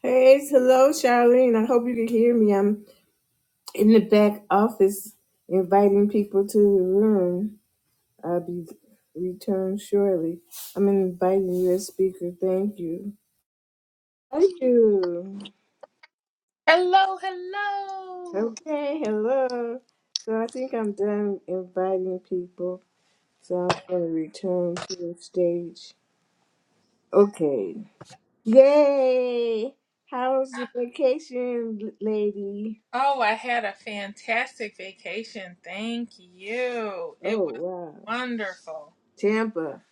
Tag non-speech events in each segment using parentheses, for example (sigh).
Praise, hello, Charlene. I hope you can hear me. I'm in the back office inviting people to the room. I'll be returned shortly. I'm inviting you as speaker. Thank you. Thank you. Hello, hello. Okay, hello. So I think I'm done inviting people. So I'm going to return to the stage. Okay. Yay! How's the vacation, lady? Oh, I had a fantastic vacation. Thank you. It was Oh, wow. wonderful. Tampa,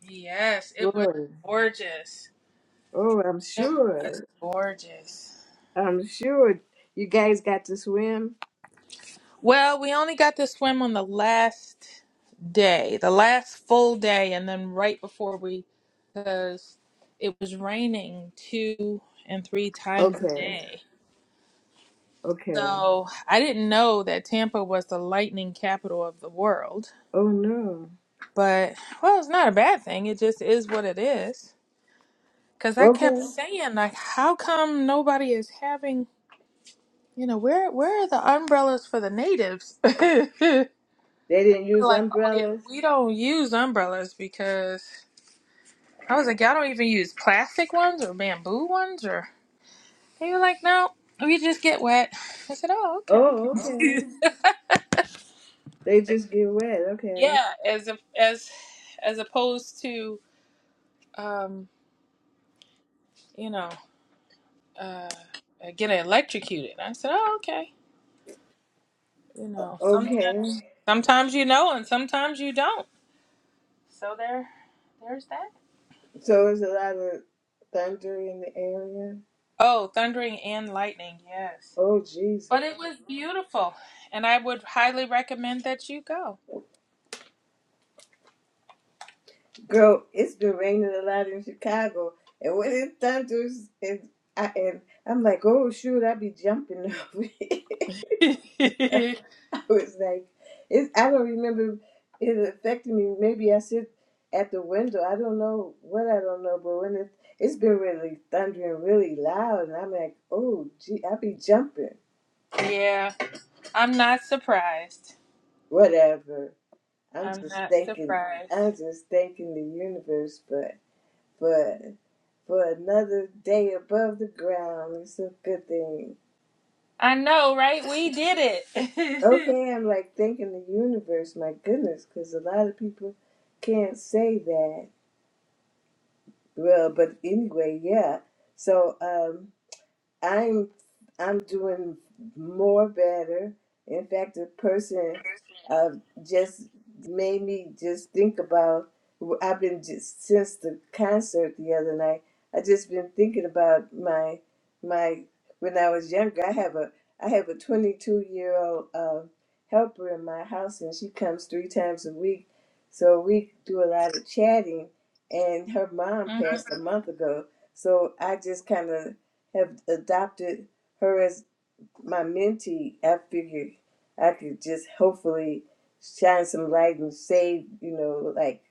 Yes, it was Florida. gorgeous. Oh, I'm It was sure. gorgeous. I'm sure you guys got to swim. Well, we only got to swim on the last day, the last full day, and then right before we, because it was raining two and three times a Okay. day. Okay. So I didn't know that Tampa was the lightning capital of the world. Oh no. But well, it's not a bad thing. It just is what it is. Cause I kept Okay. saying like, how come nobody is having you know where where are the umbrellas for the natives? (laughs) They're They didn't use like, oh yeah, umbrellas. we don't use umbrellas because I was like, y'all don't even use plastic ones or bamboo ones or. They were like, no, we just get wet. I said, oh okay. Oh, okay. (laughs) They just get wet. Okay. yeah, as a, as as opposed to um, you know. uh, getting electrocuted. I said, oh, okay. You know, Okay. sometimes, sometimes you know, and sometimes you don't. So there, there's that. So there's a lot of thunder in the area. Oh, thundering and lightning, yes. Oh Jesus. But it was beautiful, and I would highly recommend that you go. Girl, it's been raining a lot in Chicago. And when it thunders and I and I'm like, oh shoot, I'd be jumping (laughs) over (laughs) yeah, (laughs) It's like, it, I don't remember it affected me. Maybe I sit at the window. I don't know what I don't know, but when it, it's been really thundering really loud, and I'm like, oh, gee, I be jumping. I'm not surprised. Whatever. I'm I'm just not thanking. surprised. I'm just thanking the universe, but for for another day above the ground, it's a good thing. I know, right? We did it. Okay, I'm like thanking the universe. My goodness, because a lot of people can't say that Well, but anyway, yeah. So, um, I'm I'm doing more better. In fact, a person uh, just made me just think about. I've been just since the concert the other night. I just been thinking about my my when I was younger. I have a I have a 22 year old uh, helper in my house, and she comes three times a week. So we do a lot of chatting. And her mom (laughs) passed a month ago, so I just kind of have adopted her as my mentee. I figured I could just hopefully shine some light and save, you know, like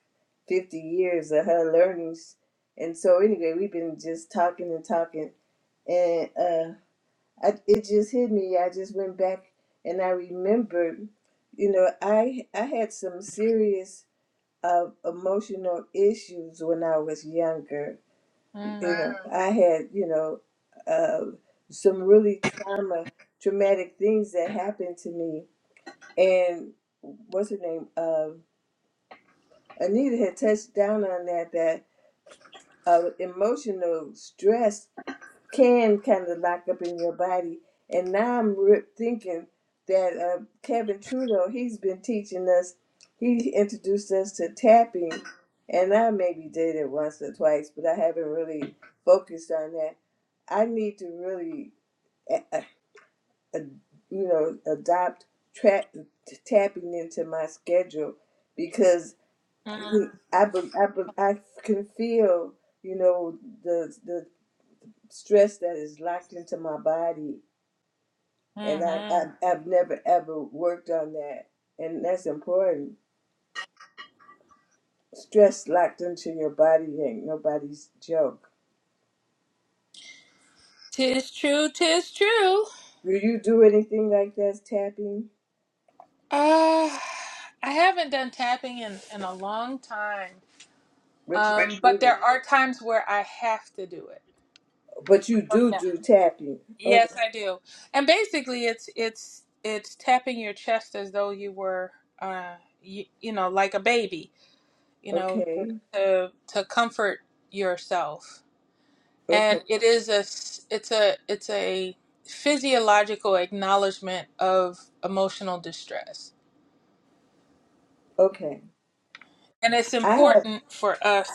50 years of her learnings. And so, anyway, we've been just talking and talking. And uh, I, it just hit me. I just went back and I remembered, you know, I, I had some serious uh, emotional issues when I was younger you mm-hmm. know, Mm. I had, you know, uh, some really trauma, traumatic things that happened to me. And what's her name? Uh, Anita had touched down on that, that uh, emotional stress can kind of lock up in your body. And now I'm re- thinking that uh, Kevin Trudeau, he's been teaching us, he introduced us to tapping, and I maybe did it once or twice, but I haven't really focused on that. I need to really, uh, uh, uh, you know, adopt tra- t- tapping into my schedule because I, be- I, be- I can feel, you know, the the stress that is locked into my body and I, Mm-hmm. I, i've never ever worked on that and that's important stress locked into your body ain't nobody's joke Tis true, tis true. do you do anything like that tapping Uh, I haven't done tapping in, in a long time. but you Um, but do there are times where I have to do it. but you Oh do yeah. do tapping oh Yes, I do. And basically, it's it's it's tapping your chest as though you were, uh, you, you know, like a baby, you know, okay to to comfort yourself. okay And it is a s- it's a it's a physiological acknowledgement of emotional distress, okay and it's i have important for us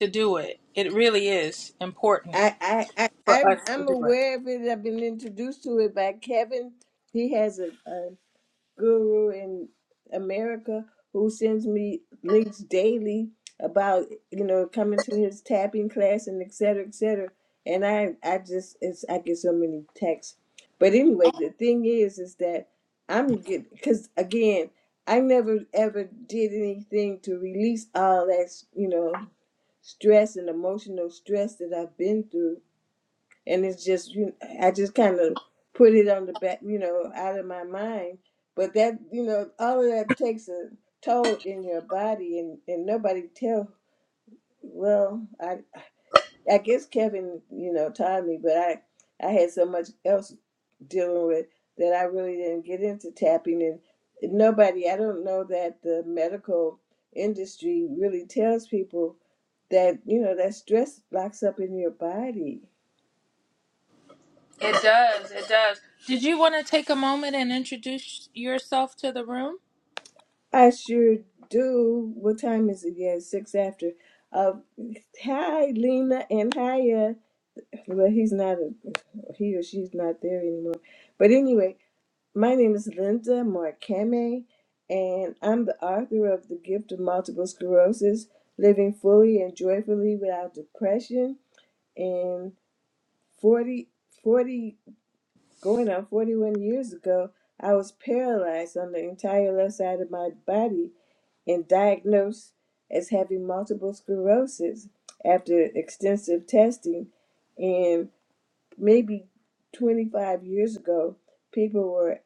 to do it. It really is important I, I, I, for us I'm to I'm do it. aware of it. I've been introduced to it by Kevin. He has a, a guru in America who sends me links daily about you know coming to his tapping class and et cetera, et cetera. And I I just it's I get so many texts. But anyway, the thing is is that I'm good because again I never ever did anything to release all that you know stress and emotional stress that I've been through and it's just you I just kind of put it on the back, you know, out of my mind. But that you know, all of that takes a toll in your body, and and nobody tell. Well, I I guess Kevin, you know, taught me, but I I had so much else dealing with that I really didn't get into tapping, and nobody I don't know that the medical industry really tells people that you know that stress locks up in your body It does. It does. Did you want to take a moment and introduce yourself to the room? I sure do. What time is it? Yeah, it's six after. Uh, hi, Lena and Hiya. Well, he's not, a, he or she's not there anymore. But anyway, my name is Linda Markame, and I'm the author of The Gift of Multiple Sclerosis Living Fully and Joyfully Without Depression. And 40, 40, going on 41 years ago, I was paralyzed on the entire left side of my body and diagnosed as having multiple sclerosis after extensive testing. And maybe 25 years ago, people were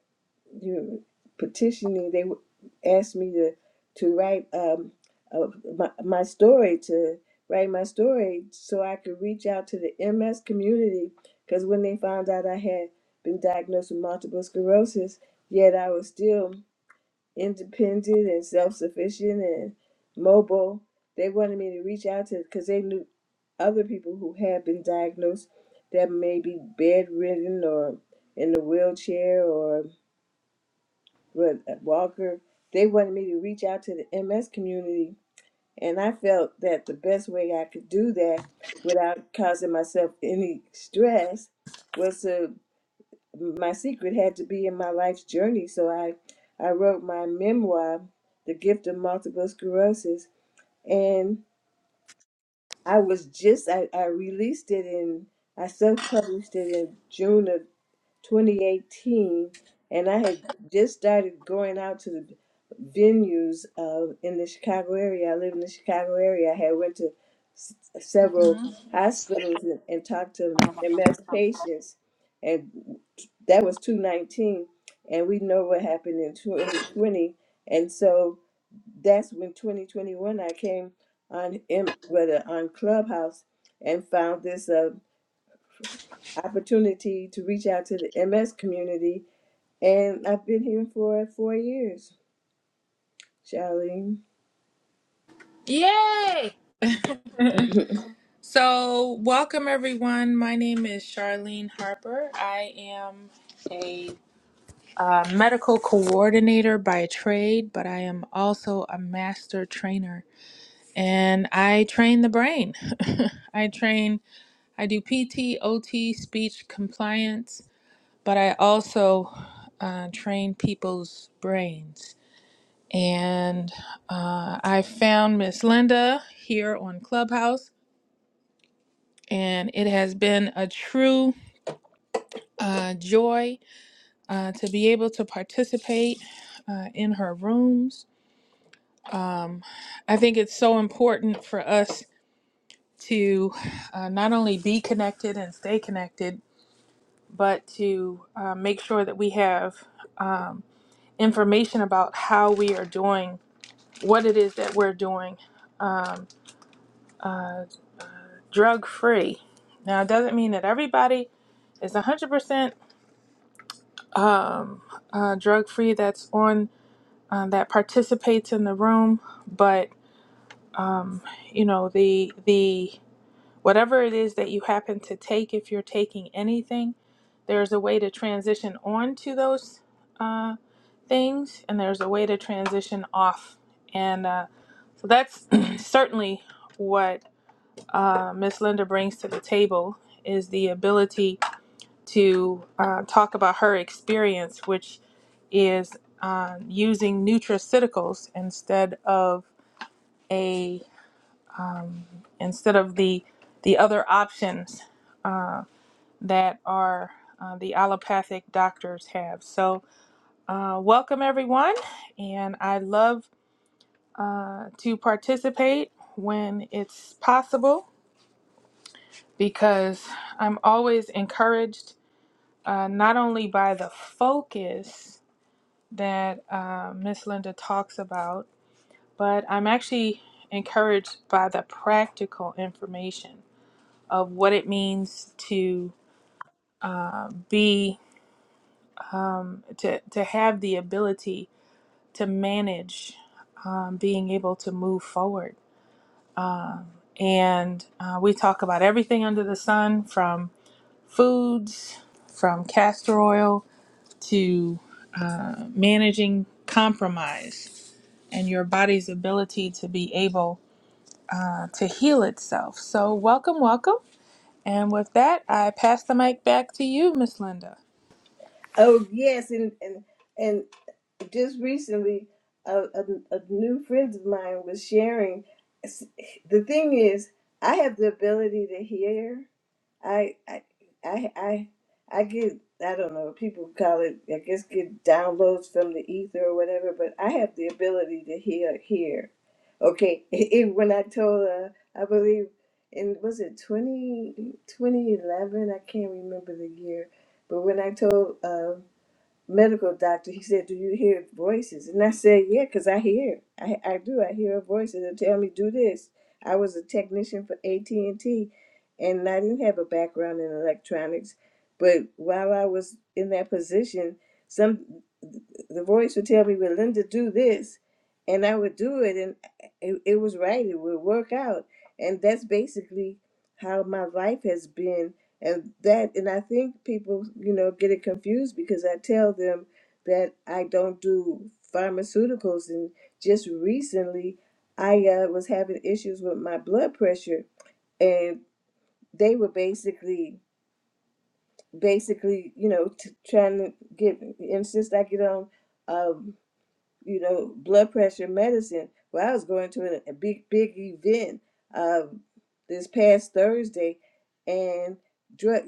you know, petitioning. They w- asked me to to write um, uh, my, my story, to write my story, so I could reach out to the MS community. Because when they found out I had been diagnosed with multiple sclerosis, yet I was still independent and self-sufficient and mobile. They wanted me to reach out to because they knew other people who had been diagnosed that may be bedridden or in a wheelchair or with a walker. They wanted me to reach out to the MS community, and I felt that the best way I could do that without causing myself any stress was to my secret had to be in my life's journey. So I, I wrote my memoir, The Gift of Multiple Sclerosis, and I was just I, I released it in I self published it in June of 2018, and I had just started going out to the venues uh, in the Chicago area. I live in the Chicago area. I had went to s- several hmm hospitals and, and talked to MS patients, and that was 2019, and we know what happened in 2020, and so that's when 2021 I came on M, whether on Clubhouse and found this uh, opportunity to reach out to the MS community and I've been here for four years, Charlene. Yay! So, welcome everyone. My name is Charlene Harper. I am a uh, medical coordinator by trade, but I am also a master trainer and I train the brain. (laughs) I train, I do PT, OT, speech compliance, but I also uh, train people's brains. And uh, I found Miss Linda here on Clubhouse, and it has been a true uh, joy uh, to be able to participate uh, in her rooms. Um, I think it's so important for us to uh, not only be connected and stay connected, but to uh, make sure that we have um, information about how we are doing what it is that we're doing um, uh, drug free. Now, it doesn't mean that everybody is 100% um, uh, drug free that's on uh, that participates in the room, but you know the the whatever it is that you happen to take, if you're taking anything, there's a way to transition on to those uh, things, and there's a way to transition off, and uh, so that's (clears throat) certainly what. uh, Miss Linda brings to the table is the ability to uh, talk about her experience, which is um, using nutraceuticals instead of a instead of the the other options that are uh, the allopathic doctors have. So, uh, welcome everyone, and I love uh, to participate when it's possible because I'm always encouraged uh, not only by the focus that uh, Miss Linda talks about, but I'm actually encouraged by the practical information of what it means to be to to have the ability to manage um, being able to move forward. And uh, we talk about everything under the sun, from foods, from castor oil to uh, managing compromise and your body's ability to be able uh, to heal itself. So, welcome, welcome. And with that, I pass the mic back to you, Miss Linda. Oh yes, and and and just recently, a, a, a new friend of mine was sharing. The thing is, I have the ability to hear, I I I I I get I don't know people call it I guess get downloads from the ether or whatever, but I have the ability to hear here. Okay, (laughs) even when I told uh, I believe in was it 20 2011 I can't remember the year, but when I told um, medical doctor, he said, "Do you hear voices?" And I said, "Yeah, 'cause I hear. I I do. I hear voices and tell me do this." I was a technician for AT and T, and I didn't have a background in electronics, but while I was in that position, some the voice would tell me, "Well, Linda, do this," and I would do it, and it, it was right. It would work out, and that's basically how my life has been and that and i think people you know get it confused because i tell them that i don't do pharmaceuticals and just recently i uh, was having issues with my blood pressure and they were basically basically you know t- trying to get insist i get on um, you know blood pressure medicine well i was going to a, a big big event um, this past thursday and drug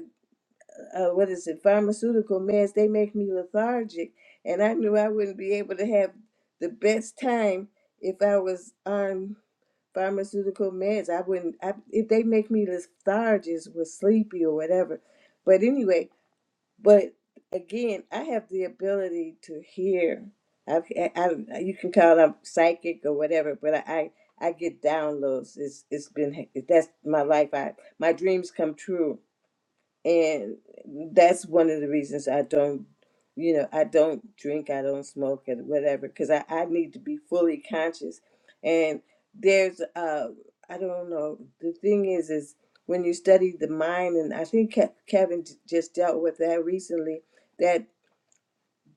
uh, what is it, pharmaceutical meds, they make me lethargic. And I knew I wouldn't be able to have the best time if I was on pharmaceutical meds. I wouldn't, I, if they make me lethargic with sleepy or whatever. But anyway, but again, I have the ability to hear. I've, I, I, you can call them psychic or whatever, but I, I, I get downloads. It's, it's been, that's my life. I, my dreams come true and that's one of the reasons I don't, you know, I don't drink, I don't smoke, and whatever, because I, I need to be fully conscious. And there's, uh, I don't know, the thing is, is when you study the mind, and I think Ke- Kevin j- just dealt with that recently, that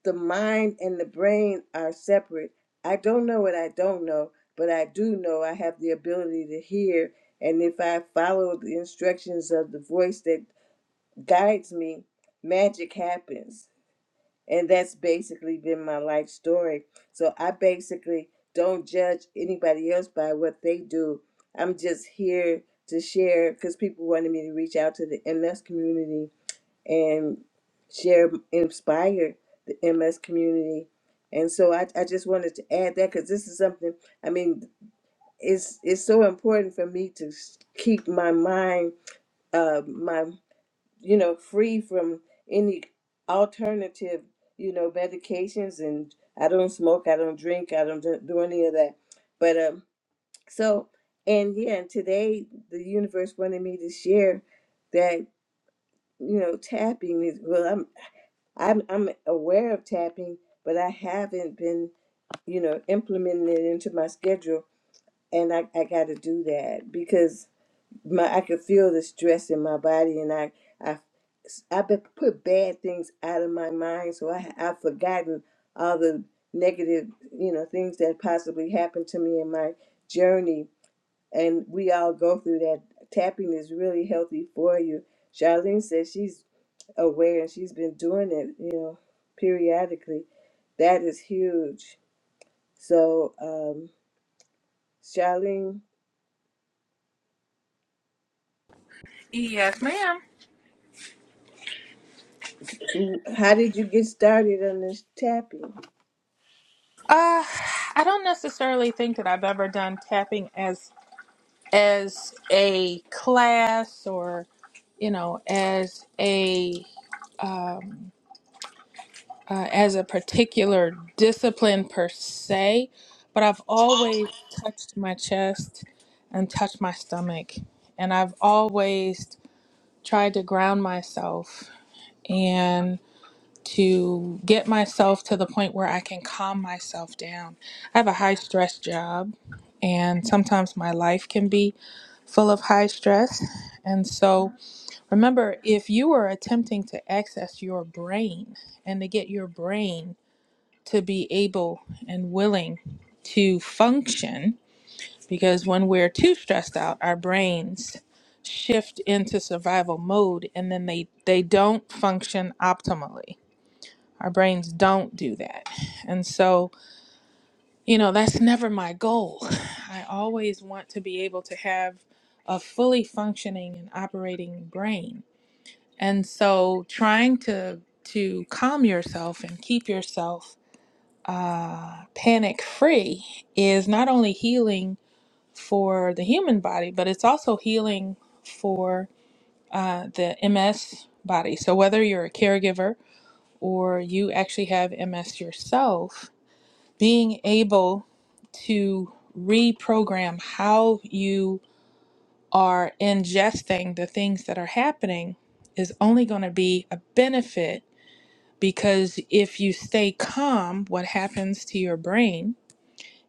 the mind and the brain are separate. I don't know what I don't know, but I do know I have the ability to hear. And if I follow the instructions of the voice that guides me, magic happens. And that's basically been my life story. So I basically don't judge anybody else by what they do. I'm just here to share because people wanted me to reach out to the MS community and share, inspire the MS community. And so I, I just wanted to add that because this is something, I mean, it's, it's so important for me to s- keep my mind, uh, my you know, free from any alternative, you know, medications. And I don't smoke, I don't drink, I don't do do any of that. But um, so and yeah, and today the universe wanted me to share that you know tapping is well, I'm I'm I'm aware of tapping, but I haven't been you know implementing it into my schedule, and I I got to do that because my I could feel the stress in my body, and I I I be- put bad things out of my mind, so I I've forgotten all the negative you know things that possibly happened to me in my journey, and we all go through that. Tapping is really healthy for you. Charlene says she's aware and she's been doing it, you know, periodically. That is huge. So, um, Charlene, Yes, ma'am. how did you get started on this tapping? Uh, I don't necessarily think that I've ever done tapping as as a class or you know as a uh, as a particular discipline per se, but I've always touched my chest and touched my stomach. And I've always tried to ground myself and to get myself to the point where I can calm myself down. I have a high stress job, and sometimes my life can be full of high stress. And so remember, if you are attempting to access your brain and to get your brain to be able and willing to function because when we're too stressed out our brains shift into survival mode and then they they don't function optimally our brains don't do that and so you know that's never my goal i always want to be able to have a fully functioning and operating brain and so trying to to calm yourself and keep yourself uh, panic free is not only healing for the human body, but it's also healing for uh, the MS body. So, whether you're a caregiver or you actually have MS yourself, being able to reprogram how you are ingesting the things that are happening is only going to be a benefit because if you stay calm, what happens to your brain?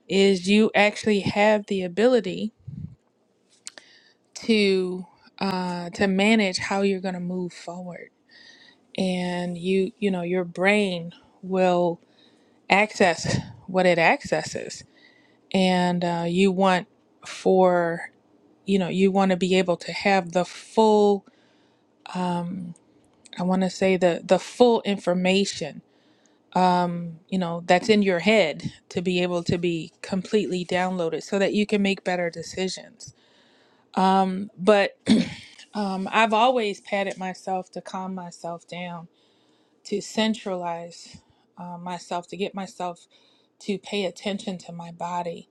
is you actually have the ability to uh, to manage how you're going to move forward and you you know your brain will access what it accesses and uh, you want for you know you want to be able to have the full i want to say the the full information um, you know that's in your head to be able to be completely downloaded so that you can make better decisions um, but Um, I've always patted myself to calm myself down, to centralize uh, myself, to get myself to pay attention to my body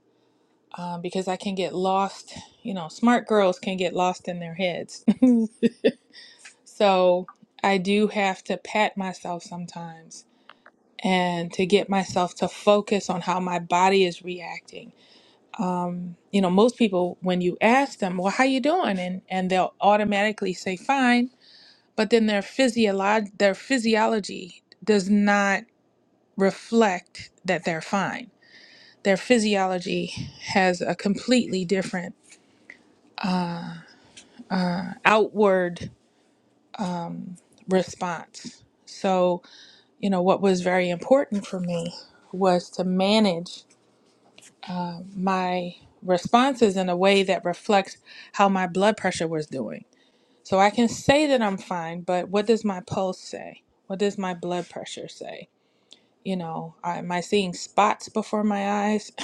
um, because I can get lost. You know, smart girls can get lost in their heads. (laughs) so I do have to pat myself sometimes and to get myself to focus on how my body is reacting. Um, you know, most people, when you ask them, well, how you doing? And, and they'll automatically say, fine but then their physiolog- their physiology does not reflect that they're fine. Their physiology has a completely different outward response. So, you know, what was very important for me was to manage my responses in a way that reflects how my blood pressure was doing. So I can say that I'm fine, but what does my pulse say? What does my blood pressure say? you know, I- am I seeing spots before my eyes? (laughs)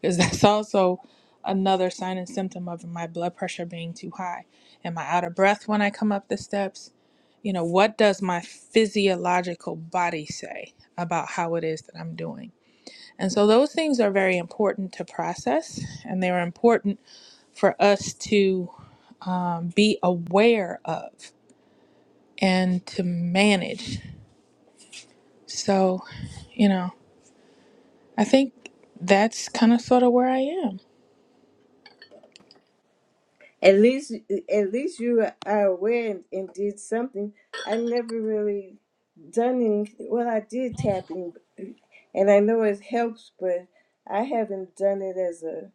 Because that's also another sign and symptom of my blood pressure being too high. Am I out of breath when I come up the steps? You know, what does my physiological body say about how it is that I'm doing? And so those things are very important to process, and they're important for us to um, be aware of and to manage. So, you know. I think that's kind of sort of where I am. At least, at least you are aware and, and did something. I never really done any. Well, I did tapping, and I know it helps, but I haven't done it as a,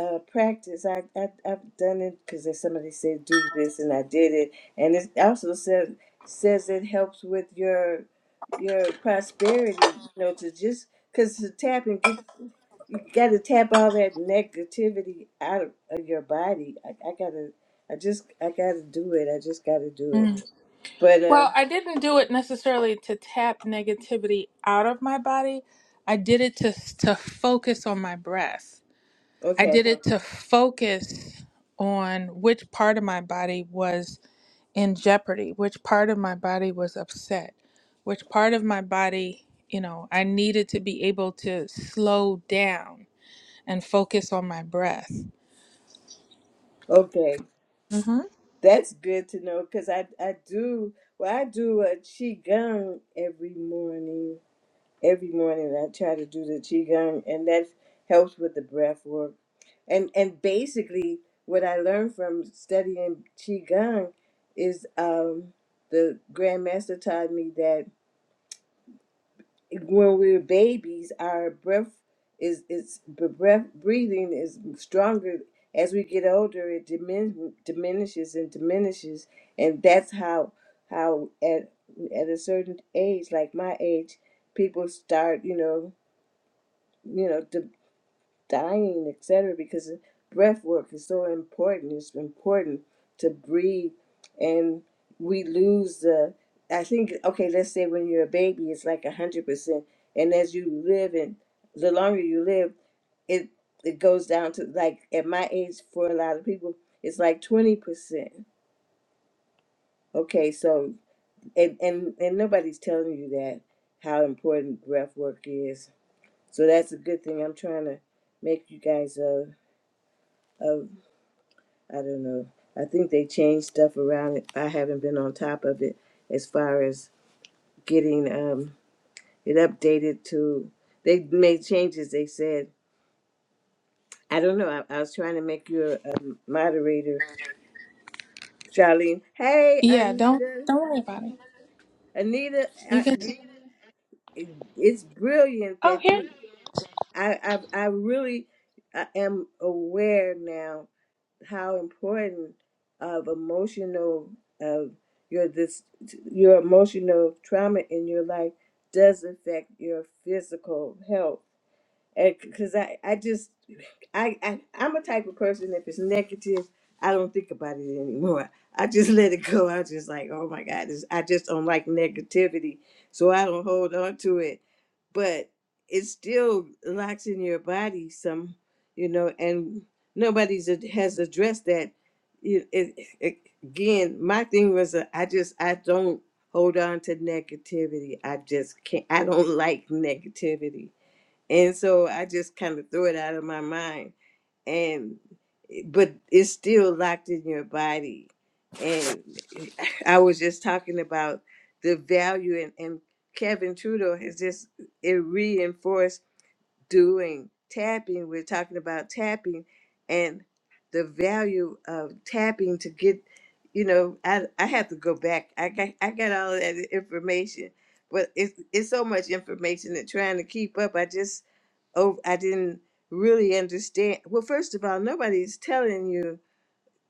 a practice. I, I I've done it because somebody said do this, and I did it, and it also says says it helps with your your prosperity. You know, to just because to tap and get you got to tap all that negativity out of, of your body. I, I gotta, I just, I gotta do it. I just gotta do it. Mm. But uh, Well, I didn't do it necessarily to tap negativity out of my body. I did it to to focus on my breath. I okay, did it to focus on which part of my body was in jeopardy, which part of my body was upset, which part of my body, you know, I needed to be able to slow down and focus on my breath. okay, hmm that's good to know because I, I do. Well, I do a qigong every morning. Every morning, I try to do the qigong, and that helps with the breath work. And and basically, what I learned from studying qigong is um, the grandmaster taught me that when we're babies, our breath is is b- breath breathing is stronger. As we get older, it dimin- diminishes and diminishes, and that's how how at at a certain age, like my age, people start you know you know de- dining, et cetera, Because breath work is so important. It's important to breathe, and we lose the. I think okay, let's say when you're a baby, it's like a hundred percent, and as you live and the longer you live, it it goes down to like at my age for a lot of people, it's like twenty percent. Okay, so and and and nobody's telling you that how important breath work is. So that's a good thing. I'm trying to make you guys uh, uh I don't know. I think they changed stuff around. I haven't been on top of it as far as getting um, it updated to. They made changes. They said, I don't know. I, I was trying to make you a, um moderator, Charlene. Hey, Yeah, don't Anita. don't worry about it. Anita, You I, can it, it's brilliant Oh, that here you. I I, I really I am aware now how important of emotional of your this your emotional trauma in your life does affect your physical health because I, I just I, I I'm a type of person if it's negative, I don't think about it anymore. I just let it go. I just like, oh my God, this, I just don't like negativity, so I don't hold on to it. But it still locks in your body some, you know, and nobody's ad- has addressed that. It, it, it, again, my thing was uh, I just I don't hold on to negativity. I just can't. I don't like negativity and so I just kind of threw it out of my mind. And eh, but it's still locked in your body. And eh, (laughs) I was just talking about the value and, and Kevin Trudeau has just eh, it reinforced doing tapping, we're talking about tapping and the value of tapping to get, you know, I I have to go back. I got I got all of that information, but it's it's so much information that trying to keep up. I just oh I didn't really understand. Well, first of all, nobody's telling you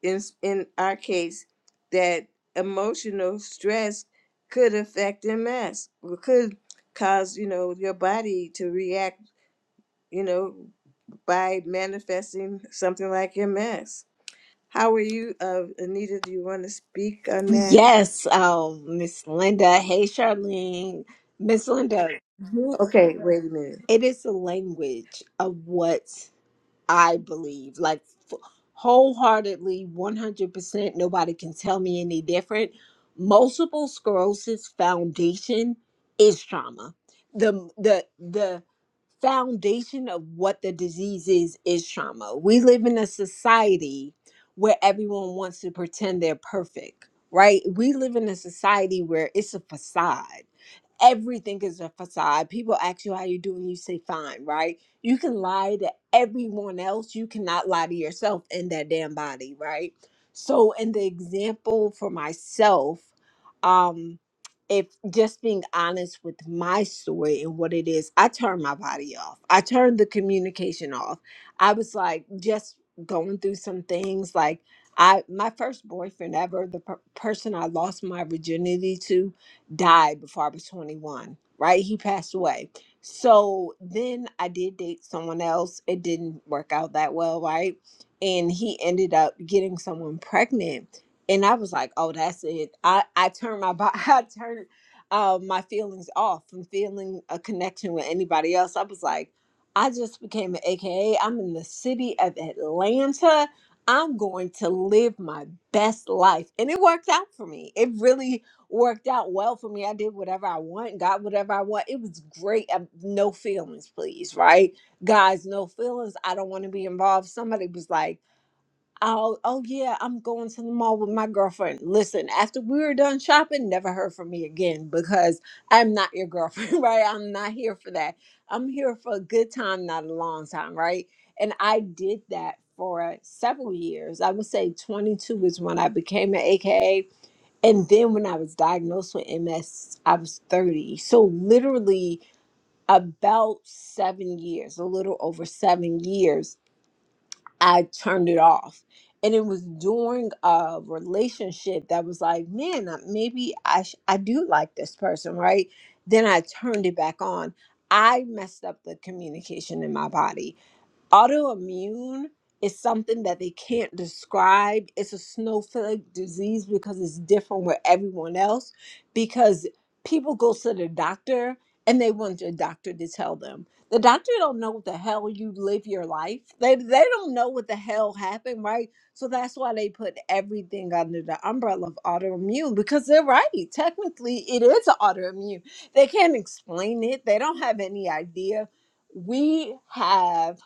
in in our case that emotional stress could affect MS, could cause you know your body to react you know by manifesting something like MS. How are you, uh, Anita? Do you want to speak on that? Yes, um, Miss Linda. Hey, Charlene. Miss Linda, you, Okay, wait a minute. it is the language of what I believe, like f- wholeheartedly, 100%. Nobody can tell me any different. Multiple sclerosis foundation is trauma. The, the, the foundation of what the disease is, is trauma. We live in a society where everyone wants to pretend they're perfect, right? We live in a society where it's a facade everything is a facade. People ask you how you doing, you say fine, right? You can lie to everyone else. You cannot lie to yourself in that damn body, right? So in the example for myself, um, if just being honest with my story and what it is, I turned my body off. I turned the communication off. I was like just going through some things like I my first boyfriend ever, the per- person I lost my virginity to, died before I was 21, right? He passed away. So then I did date someone else. It didn't work out that well, right? And he ended up getting someone pregnant. And I was like, oh, that's it. I, I turned my body, (laughs) I turned uh, my feelings off from feeling a connection with anybody else. I was like, I just became an AKA. I'm in the city of Atlanta. I'm going to live my best life. And it worked out for me. It really worked out well for me. I did whatever I want, got whatever I want. It was great. Um, No feelings, please, right? Guys, no feelings. I don't want to be involved. Somebody was like, Oh, oh yeah, I'm going to the mall with my girlfriend. Listen, after we were done shopping, never heard from me again because I'm not your girlfriend, (laughs) right? I'm not here for that. I'm here for a good time, not a long time, right? And I did that for several years. I would say 22 is when I became an AKA and then when I was diagnosed with MS, I was 30. So literally about seven years, a little over seven years, I turned it off. And it was during a relationship that was like, man, uh, maybe I sh- I do like this person, right? Then I turned it back on. I messed up the communication in my body autoimmune is something that they can't describe. It's a snowflake disease because it's different with everyone else. Because people go to the doctor and they want their doctor to tell them. The doctor don't know what the hell you live your life. They they don't know what the hell happened, right? So that's why they put everything under the umbrella of autoimmune because they're right. Technically, it is autoimmune. They can't explain it. They don't have any idea. We have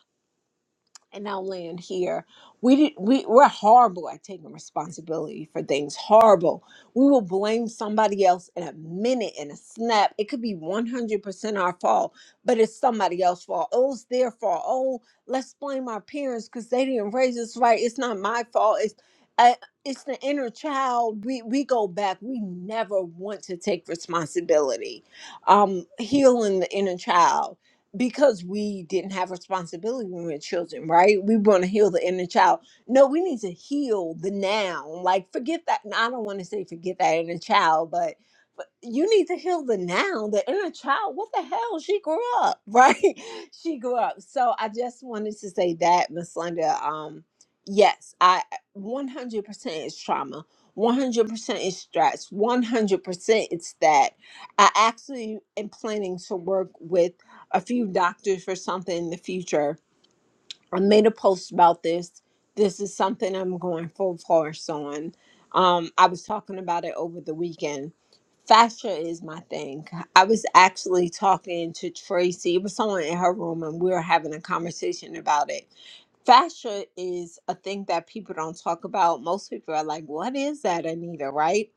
and I'll land here. We did, we we're horrible at taking responsibility for things. Horrible. We will blame somebody else in a minute, in a snap. It could be one hundred percent our fault, but it's somebody else's fault. Oh, it's their fault. Oh, let's blame our parents because they didn't raise us right. It's not my fault. It's I, it's the inner child. We we go back. We never want to take responsibility. Um, healing the inner child because we didn't have responsibility when we were children, right? We want to heal the inner child. No, we need to heal the now. Like, forget that. and I don't want to say forget that inner child, but, but you need to heal the now, the inner child. What the hell? She grew up, (laughs) right? she grew up. So I just wanted to say that, Miss Linda. Um, yes, I 100% is trauma. 100% is stress. 100% it's that I actually am planning to work with a few doctors for something in the future. I made a post about this. This is something I'm going full force on. Um, I was talking about it over the weekend. Fascia is my thing. I was actually talking to Tracy. It was someone in her room, and we were having a conversation about it fascia is a thing that people don't talk about. Most people are like, "What is that, Anita?" Right?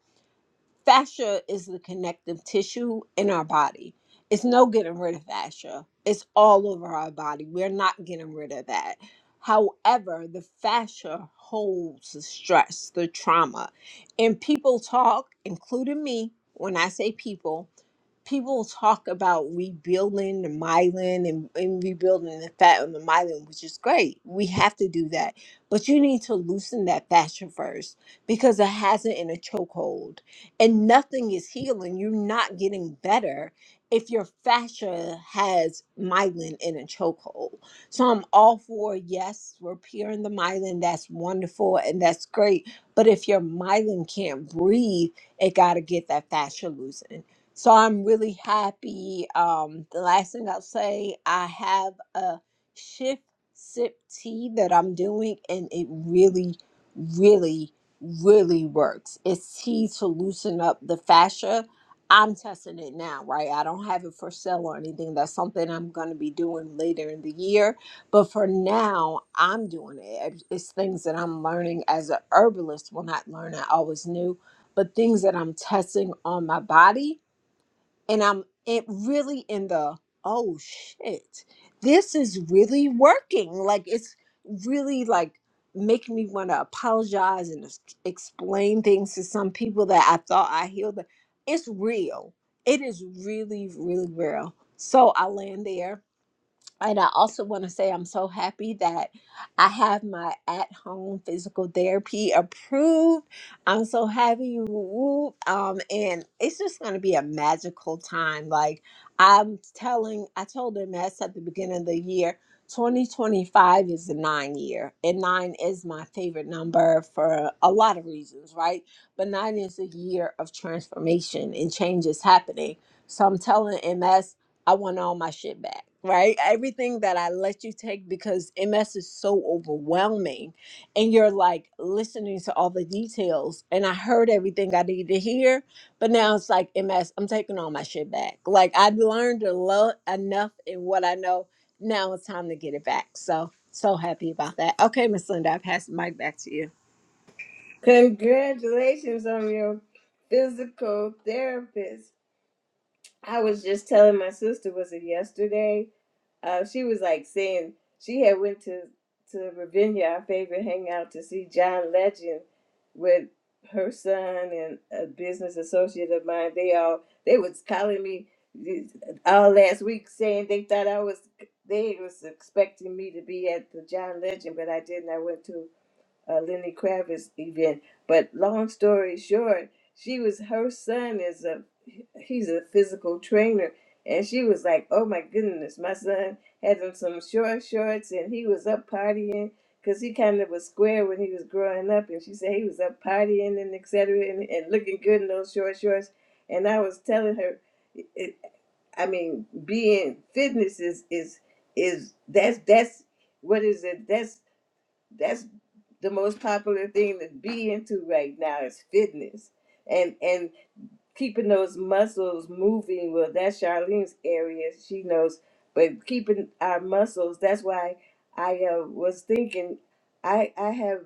fascia is the connective tissue in our body. It's no getting rid of fascia. It's all over our body. We're not getting rid of that. However, the fascia holds the stress, the trauma. And people talk, including me, when I say people, people talk about rebuilding the myelin and, and rebuilding the fat on the myelin, which is great. We have to do that. But you need to loosen that fascia first because it has it in a chokehold and nothing is healing. You're not getting better if your fascia has myelin in a chokehold. So I'm all for yes, repairing the myelin. That's wonderful and that's great. But if your myelin can't breathe, it got to get that fascia loosened. So I'm really happy. Um, the last thing I'll say, I have a shift sip tea that I'm doing, and it really, really really works. It's tea to loosen up the fascia. I'm testing it now, right? I don't have it for sale or anything. That's something I'm going to be doing later in the year. But for now, I'm doing it. It's it's things that I'm learning as a herbalist. Well, not learn. I always knew, but things that I'm testing on my body and I'm it really in the oh shit, this is really working. Like it's really like making me want to apologize and ex- explain things to some people that I thought I healed. It's real. It is really, really real. So I land there and I also want to say I'm so happy that I have my at home physical therapy approved. I'm so happy. woo-woo. Um, and it's just going to be a magical time. Like I'm telling, I told them that's at the beginning of the year. 2025 is a nine year, and nine is my favorite number for a lot of reasons, right? But nine is a year of transformation and change is happening. So I'm telling MS I want all my shit back, right? Everything that I let you take because MS is so overwhelming. And you're like listening to all the details. And I heard everything I needed to hear. But now it's like, MS, I'm taking all my shit back. Like I learned a lot enough in what I know. Now it's time to get it back. So, so happy about that. Okay, Miss Linda, I pass the mic back to you. Congratulations on your physical therapist. I was just telling my sister, was it yesterday? Uh, she was like saying she had went to to Ravinia, our favorite hangout, to see John Legend with her son and a business associate of mine. They all they was calling me uh, all last week saying they thought I was they was expecting me to be at the John Legend, but I didn't. I went to uh, Lenny Kravitz event. But long story short, she was her son is a he's a physical trainer, and she was like, "Oh my goodness, my son had on some short shorts, and he was up partying." Cause he kind of was square when he was growing up, and she said he was up partying and et cetera, and, and looking good in those short shorts. And I was telling her, it, I mean, being fitness is is is that's that's what is it? that's." that's the most popular thing to be into right now is fitness and and keeping those muscles moving well that's charlene's area she knows but keeping our muscles that's why i uh, was thinking i i have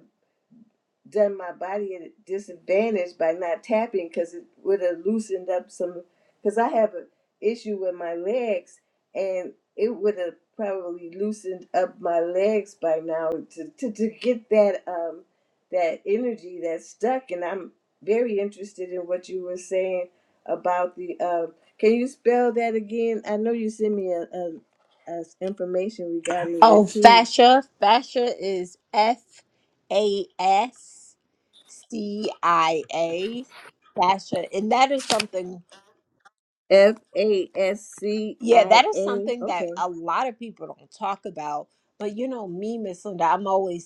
done my body at a disadvantage by not tapping because it would have loosened up some. Because I have an issue with my legs, and it would have probably loosened up my legs by now to, to, to get that um that energy that's stuck. And I'm very interested in what you were saying about the. Uh, can you spell that again? I know you sent me a, a, a information regarding your Oh, tea. fascia. Fascia is F A S C I A. Fascia. And that is something, F A S C yeah, I that is A. something that Okay. a lot of people don't talk about. But you know, me, Miss Linda, I'm always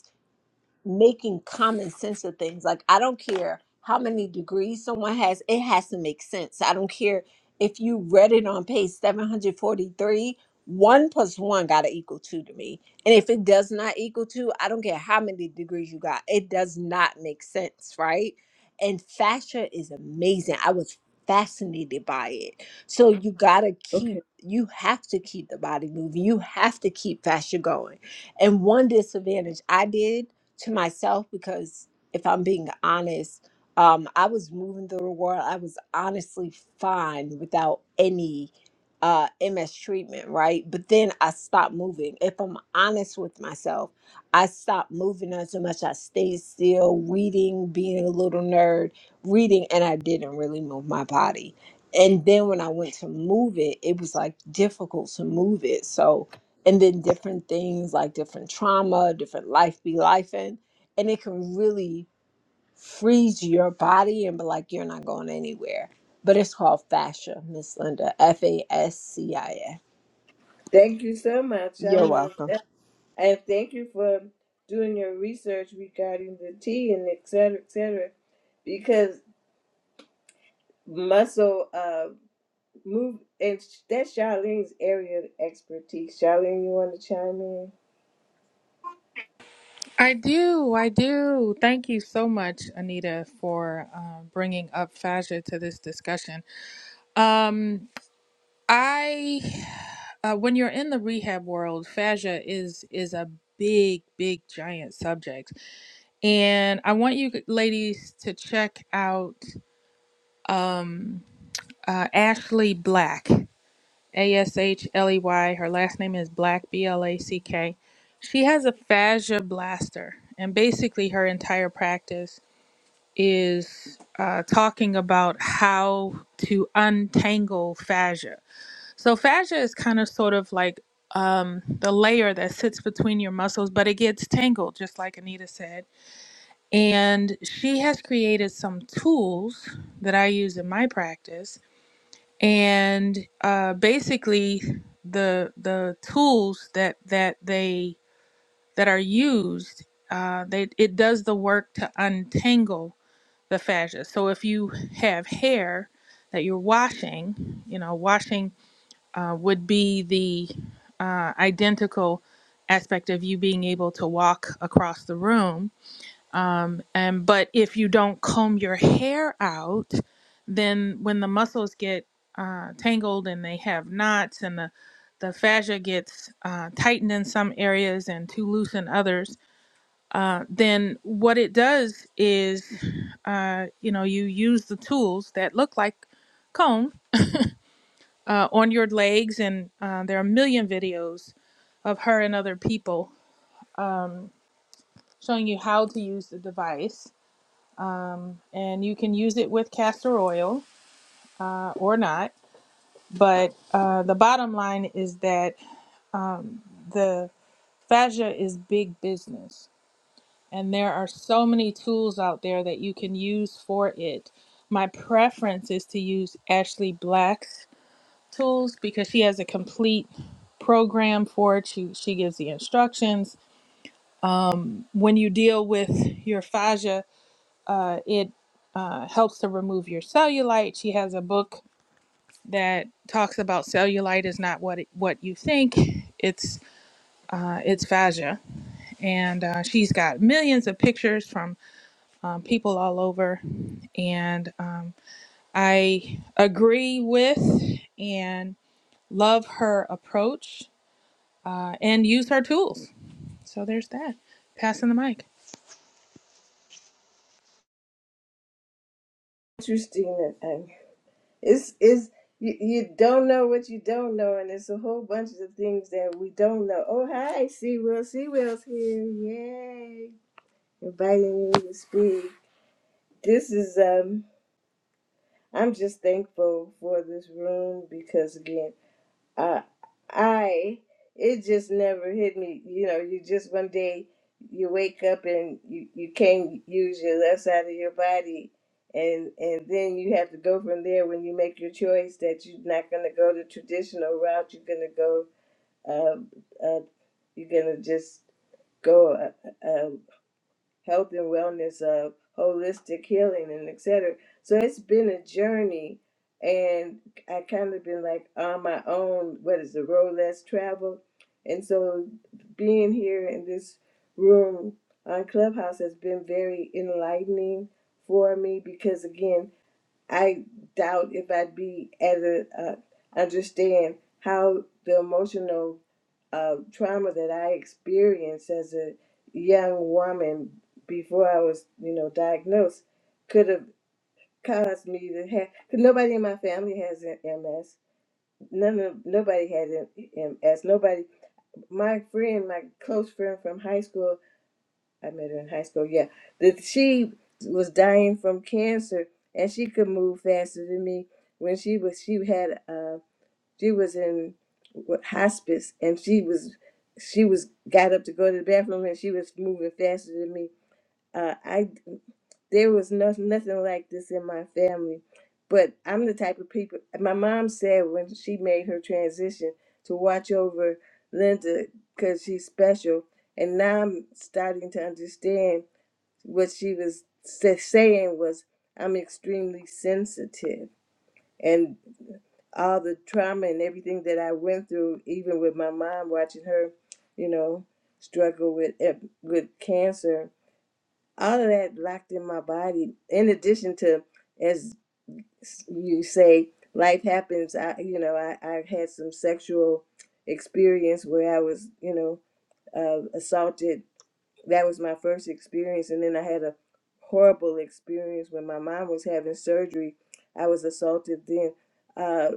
making common sense of things. Like I don't care how many degrees someone has, it has to make sense. I don't care if you read it on page 743, one plus one gotta equal two to me. And if it does not equal two, I don't care how many degrees you got. It does not make sense, right? And fascia is amazing. I was fascinated by it. So you gotta keep Okay. you have to keep the body moving. You have to keep fascia going. And one disadvantage I did to myself because if I'm being honest, um, I was moving through the world. I was honestly fine without any uh, MS treatment, right? But then I stopped moving. If I'm honest with myself, I stopped moving not so much. I stayed still, reading, being a little nerd, reading, and I didn't really move my body. And then when I went to move it, it was like difficult to move it. So, and then different things like different trauma, different life be life in, and it can really freeze your body and be like you're not going anywhere. But it's called fascia, Miss Linda. F A S C I A. Thank you so much. You're I'm welcome. gonna, and thank you for doing your research regarding the tea and et cetera, et cetera, because muscle uh move and sh- that's Charlene's area of expertise. Charlene, you want to chime in? I do. I do. Thank you so much, Anita, for um, bringing up fascia to this discussion. Um, I, uh, when you're in the rehab world, fascia is is a big, big, giant subject, and I want you ladies to check out um, uh, Ashley Black, A S H L E Y. Her last name is Black, B L A C K. She has a fascia blaster, and basically her entire practice is uh, talking about how to untangle fascia. So, fascia is kind of sort of like um, the layer that sits between your muscles, but it gets tangled, just like Anita said. And she has created some tools that I use in my practice. And uh, basically, the the tools that that they that are used, uh, they it does the work to untangle the fascia. So if you have hair that you're washing, you know, washing uh, would be the uh, identical aspect of you being able to walk across the room. Um, and but if you don't comb your hair out, then when the muscles get uh, tangled and they have knots and the the fascia gets uh, tightened in some areas and too loose in others, uh, then what it does is, uh, you know, you use the tools that look like cone uh, on your legs, and uh, there are a million videos of her and other people um, showing you how to use the device. Um, and you can use it with castor oil uh, or not. But uh, the bottom line is that um, the fascia is big business and there are so many tools out there that you can use for it. My preference is to use Ashley Black's tools because she has a complete program for it. She she gives the instructions. When you deal with your fascia, uh, it uh, helps to remove your cellulite. She has a book that talks about cellulite is not what it, what you think. It's uh, it's fascia, and uh, she's got millions of pictures from um, people all over. And um, I agree with and love her approach uh, and use her tools. So there's that. Passing the mic. Interesting that um, it's is you, you don't know what you don't know, and it's a whole bunch of things that we don't know. Oh hi, Sea Will, Sea Will's here, yay! Inviting you to speak. This is um. I'm just thankful for this room because again, uh, I it just never hit me. You know, you just one day you wake up and you you can't use your left side of your body, and and then you have to go from there when you make your choice that you're not gonna go the traditional route. You're gonna go. Uh, uh, you're gonna just go. Uh, uh, health and wellness of holistic healing and et cetera. so it's been a journey and i kind of been like on my own what is the road less traveled and so being here in this room on clubhouse has been very enlightening for me because again I doubt if I'd be as a uh, understand how the emotional uh, trauma that I experienced as a young woman before I was, you know, diagnosed could have caused me to have. Because nobody in my family has a- MS. None of nobody had a- MS. Nobody. My friend, my close friend from high school. I met her in high school. Yeah, that she was dying from cancer, and she could move faster than me. When she was, she had, uh, she was in what, hospice, and she was, she was got up to go to the bathroom, and she was moving faster than me. Uh, I, there was no, nothing like this in my family, but I'm the type of people. My mom said when she made her transition to watch over Linda because she's special, and now I'm starting to understand what she was sa- saying was i'm extremely sensitive and all the trauma and everything that i went through even with my mom watching her you know struggle with ep- with cancer all of that locked in my body in addition to as you say life happens i you know i i had some sexual experience where i was you know uh, assaulted that was my first experience and then i had a horrible experience when my mom was having surgery i was assaulted then uh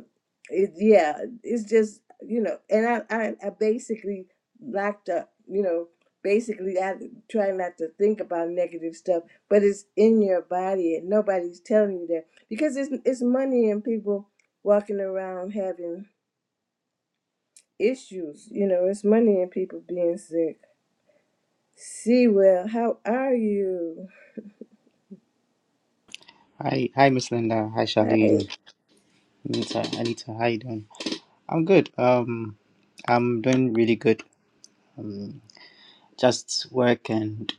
it, yeah it's just you know and I, I i basically locked up you know basically i try not to think about negative stuff but it's in your body and nobody's telling you that because it's it's money and people walking around having issues you know it's money and people being sick see well how are you Hi, hi, Miss Linda. Hi, Hey, Charlene. Anita, Anita, how you doing? I'm good. Um, I'm doing really good. Um, just work and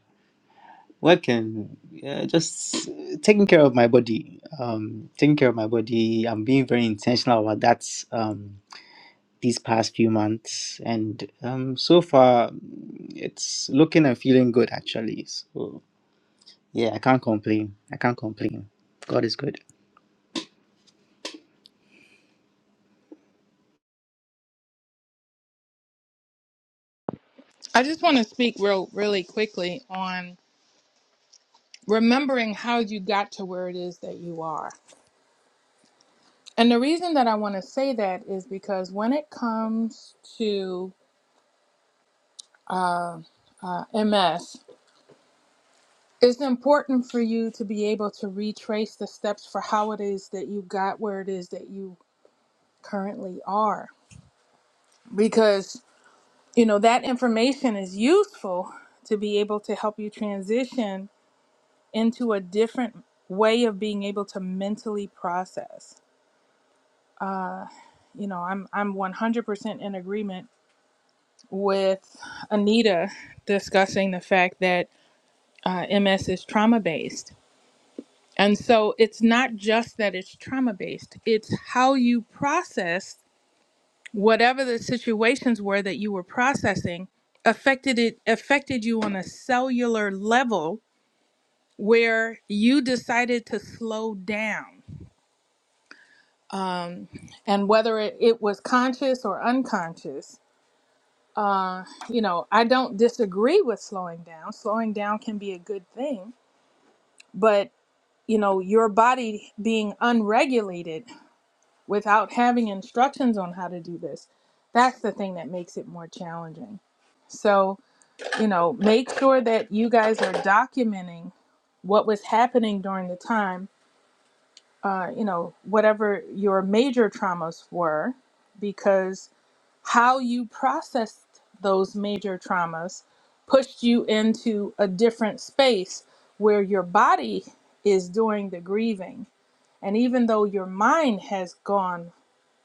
work and yeah, just taking care of my body. Um, taking care of my body. I'm being very intentional about that. Um, these past few months, and um, so far, it's looking and feeling good actually. So yeah, I can't complain. I can't complain. God is good. I just want to speak real, really quickly on remembering how you got to where it is that you are. And the reason that I want to say that is because when it comes to uh, MS, it's important for you to be able to retrace the steps for how it is that you got where it is that you currently are because you know that information is useful to be able to help you transition into a different way of being able to mentally process you know i'm i'm 100% in agreement with anita discussing the fact that uh, ms is trauma based and so it's not just that it's trauma based it's how you process whatever the situations were that you were processing affected it affected you on a cellular level where you decided to slow down um, and whether it, it was conscious or unconscious uh, you know i don't disagree with slowing down slowing down can be a good thing but you know your body being unregulated without having instructions on how to do this that's the thing that makes it more challenging so you know, make sure that you guys are documenting what was happening during the time, uh, you know, whatever your major traumas were, because how you processed those major traumas pushed you into a different space where your body is doing the grieving. And even though your mind has gone,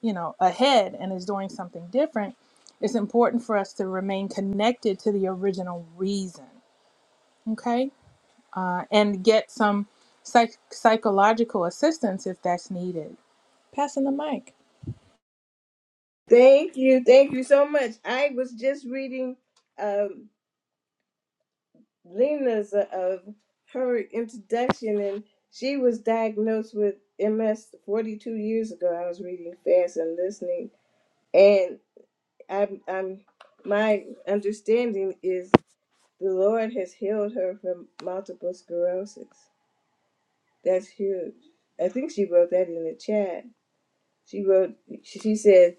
you know, ahead and is doing something different, it's important for us to remain connected to the original reason. Okay uh, and get some psych- psychological assistance if that's needed. Passing the mic. Thank you, thank you so much. I was just reading um, Lena's uh, of her introduction, and she was diagnosed with MS 42 years ago. I was reading fast and listening, and I'm, I'm my understanding is the Lord has healed her from multiple sclerosis. That's huge. I think she wrote that in the chat. She wrote. She said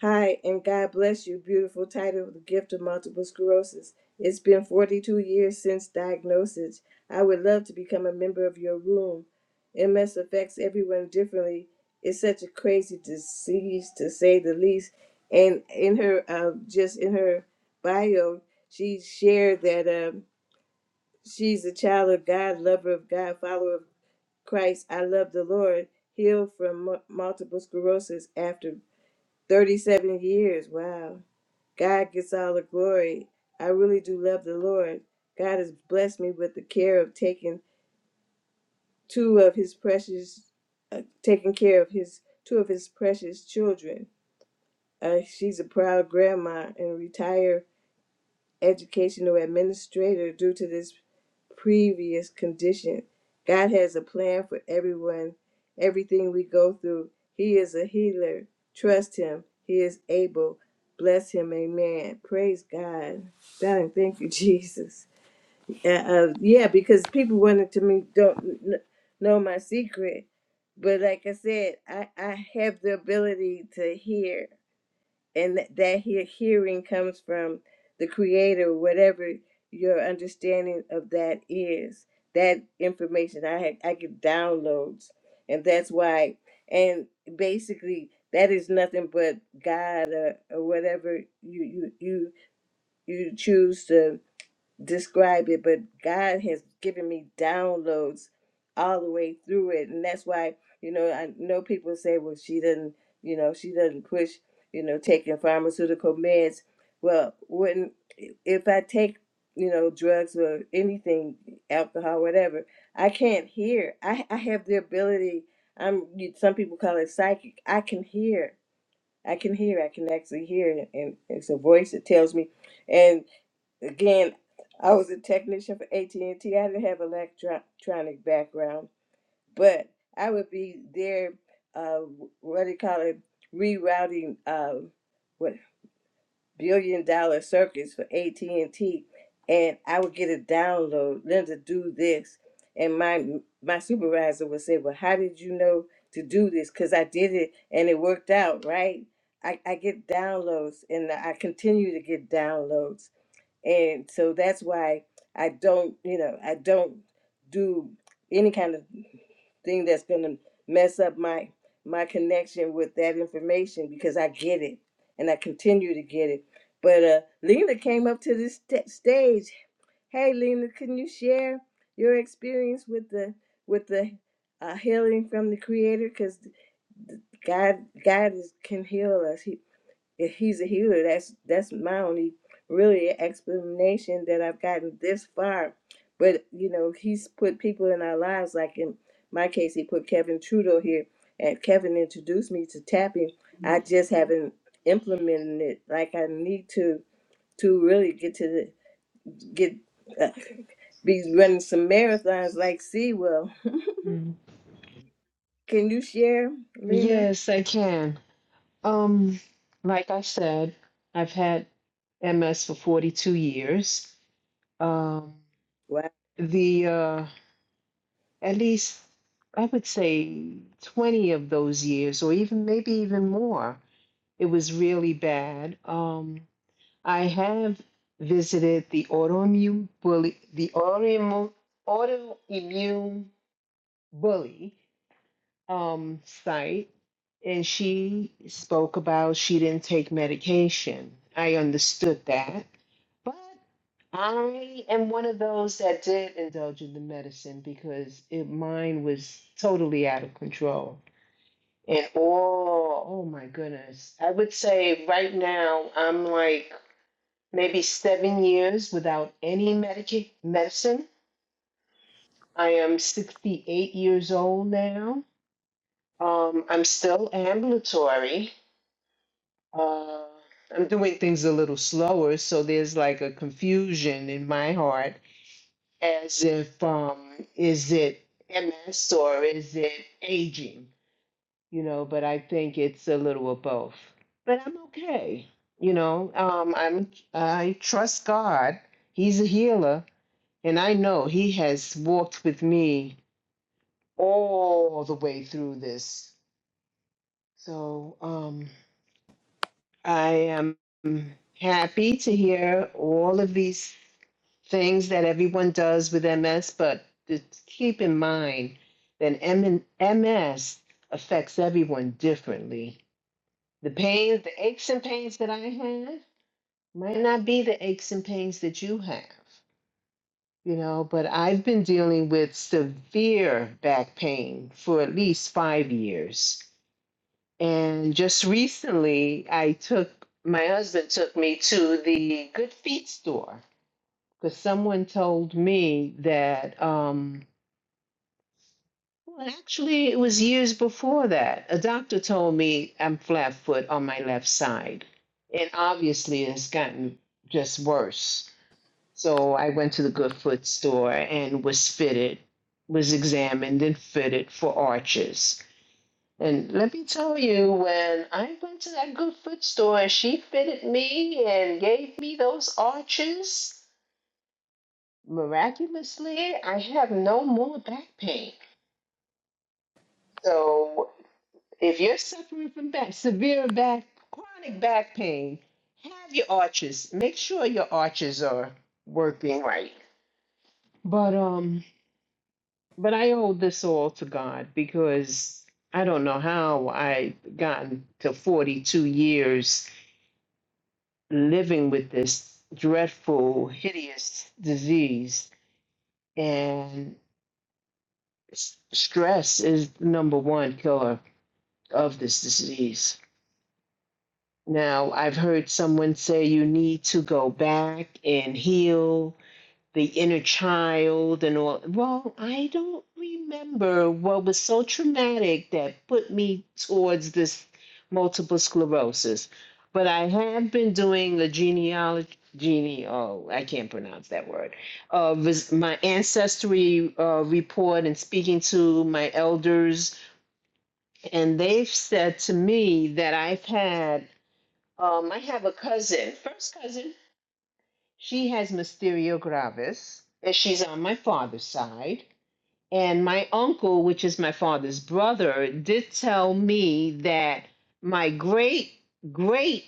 Hi, and God bless you. Beautiful title, The Gift of Multiple Sclerosis. It's been 42 years since diagnosis. I would love to become a member of your room. MS affects everyone differently. It's such a crazy disease, to say the least. And in her, uh, just in her bio, she shared that um, she's a child of God, lover of God, follower of Christ. I love the Lord. Healed from mu- multiple sclerosis after 37 years. Wow. God gets all the glory. I really do love the Lord. God has blessed me with the care of taking two of his precious uh, taking care of his two of his precious children. Uh, she's a proud grandma and retired educational administrator due to this previous condition. God has a plan for everyone, everything we go through. He is a healer. Trust Him. He is able. Bless Him. Amen. Praise God. God, thank you, (laughs) Jesus. Uh, uh, yeah, because people wanted to me don't kn- know my secret, but like I said, I I have the ability to hear and th- that hear- hearing comes from the creator whatever your understanding of that is that information i had i get downloads and that's why and basically that is nothing but god or, or whatever you you you you choose to describe it, but God has given me downloads all the way through it. And that's why, you know, I know people say, well, she doesn't, you know, she doesn't push, you know, taking pharmaceutical meds. Well, when if I take, you know, drugs or anything, alcohol, whatever, I can't hear. I, I have the ability, I'm you- some people call it psychic. I can hear. I can hear. I can actually hear And it's a voice that tells me. and. Again, I was a technician for at and T. I didn't have electronic background, but I would be there. Uh, what do you call it? Rerouting uh, what billion dollar circuits for AT&T, and T, and I would get a download. Linda, do this, and my my supervisor would say, "Well, how did you know to do this? Because I did it, and it worked out, right?" I, I get downloads, and I continue to get downloads and so that's why I don't, you know, I don't do any kind of thing that's going to mess up my my connection with that information because I get it and I continue to get it. But uh, Lena came up to this st- stage. Hey, Lena, can you share your experience with the with the uh, healing from the Creator? Because God God is, can heal us. He if he's a healer that's that's my only really explanation that i've gotten this far but you know he's put people in our lives like in my case he put kevin trudeau here and kevin introduced me to tapping i just haven't implemented it like i need to to really get to the get uh, be running some marathons like Sewell. Mm. can you share lena Yes, I can. Um, like I said, I've had MS for 42 years. Um, wow the uh, at least I would say 20 of those years, or even maybe even more, it was really bad. Um, I have visited the autoimmune bully, the autoimmune autoimmune bully um site and she spoke about she didn't take medication. I understood that. But I am one of those that did indulge in the medicine because it mine was totally out of control. And oh, oh my goodness. I would say right now I'm like maybe 7 years without any medica- medicine. I am 68 years old now Um, I'm still ambulatory. Uh, I'm doing things a little slower, so there's like a confusion in my heart as if um, is it MS or is it aging? You know, but I think it's a little of both. But I'm okay. You know, um, I'm I trust God. He's a healer, and I know He has walked with me all the way through this. So, um, I am happy to hear all of these things that everyone does with MS, but just keep in mind that M- MS affects everyone differently. The pains, the aches and pains that I have might not be the aches and pains that you have, you know, but I've been dealing with severe back pain for at least five years. And just recently, I took my husband took me to the Good Feet store because someone told me that. Um, well, actually, it was years before that. A doctor told me I'm flat foot on my left side, and obviously, it's gotten just worse. So I went to the Good Foot store and was fitted, was examined and fitted for arches. And let me tell you, when I went to that good foot store and she fitted me and gave me those arches, miraculously, I have no more back pain. So if you're suffering from back, severe back, chronic back pain, have your arches. Make sure your arches are working right. But um, but I owe this all to God because I don't know how I gotten to 42 years living with this dreadful, hideous disease. And s- stress is the number one killer of this disease. Now, I've heard someone say you need to go back and heal the inner child and all. Well, I don't remember what was so traumatic that put me towards this multiple sclerosis. But I have been doing a genealogy, gene, oh, I can't pronounce that word, uh, res- my ancestry uh, report and speaking to my elders. And they've said to me that I've had, um, I have a cousin, first cousin she has Mysterio gravis, and she's on my father's side. And my uncle, which is my father's brother, did tell me that my great great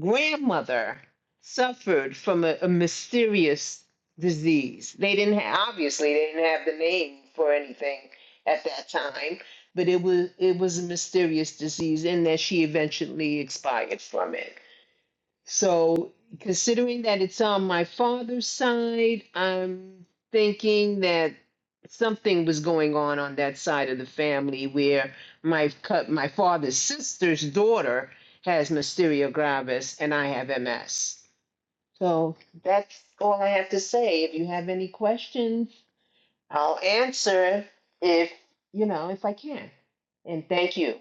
grandmother suffered from a, a mysterious disease. They didn't ha- obviously they didn't have the name for anything at that time, but it was it was a mysterious disease, and that she eventually expired from it. So, considering that it's on my father's side, I'm thinking that something was going on on that side of the family where my cut my father's sister's daughter has Mysteria gravis and I have MS. So, that's all I have to say. If you have any questions, I'll answer if, you know, if I can. And thank you.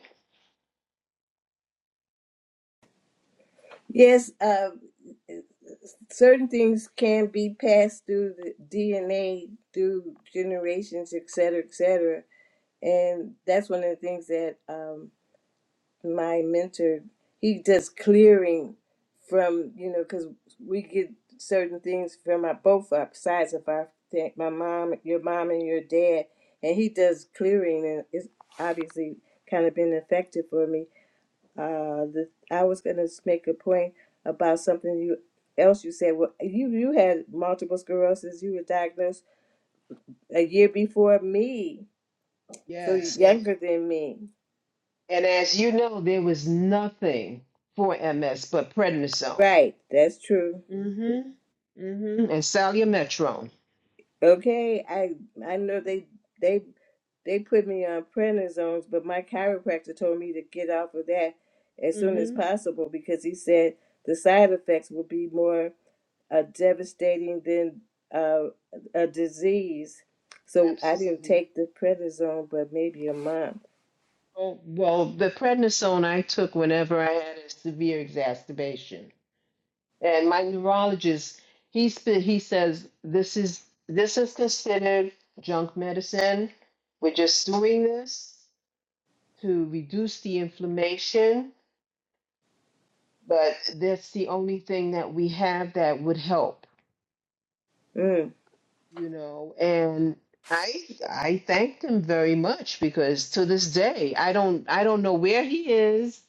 yes uh, certain things can be passed through the DNA, through generations, et cetera, et cetera. And that's one of the things that um, my mentor, he does clearing from, you know, because we get certain things from our, both our sides of our, fa- my mom, your mom and your dad, and he does clearing and it's obviously kind of been effective for me uh, the, I was going to make a point about something you else you said. Well, you you had multiple sclerosis. You were diagnosed a year before me, so Yes, you're and. younger than me. And as you know, there was nothing for MS but prednisone. Right, that's true. Mm-hmm. Mm-hmm. And salmeterol. Okay, I I know they they they put me on prednisones, but my chiropractor told me to get off of that as soon as Mm-hmm. possible because he said the side effects will be more a devastating then uh, a disease. So I didn't Absolutely. take the prednisone, but maybe a month. Oh, well, the prednisone I took whenever I had a severe exacerbation, and my neurologist, he sp- he says this is this is considered junk medicine. We're just doing this to reduce the inflammation but that's the only thing that we have that would help Mm. you know and i i thanked him very much because to this day i don't i don't know where he is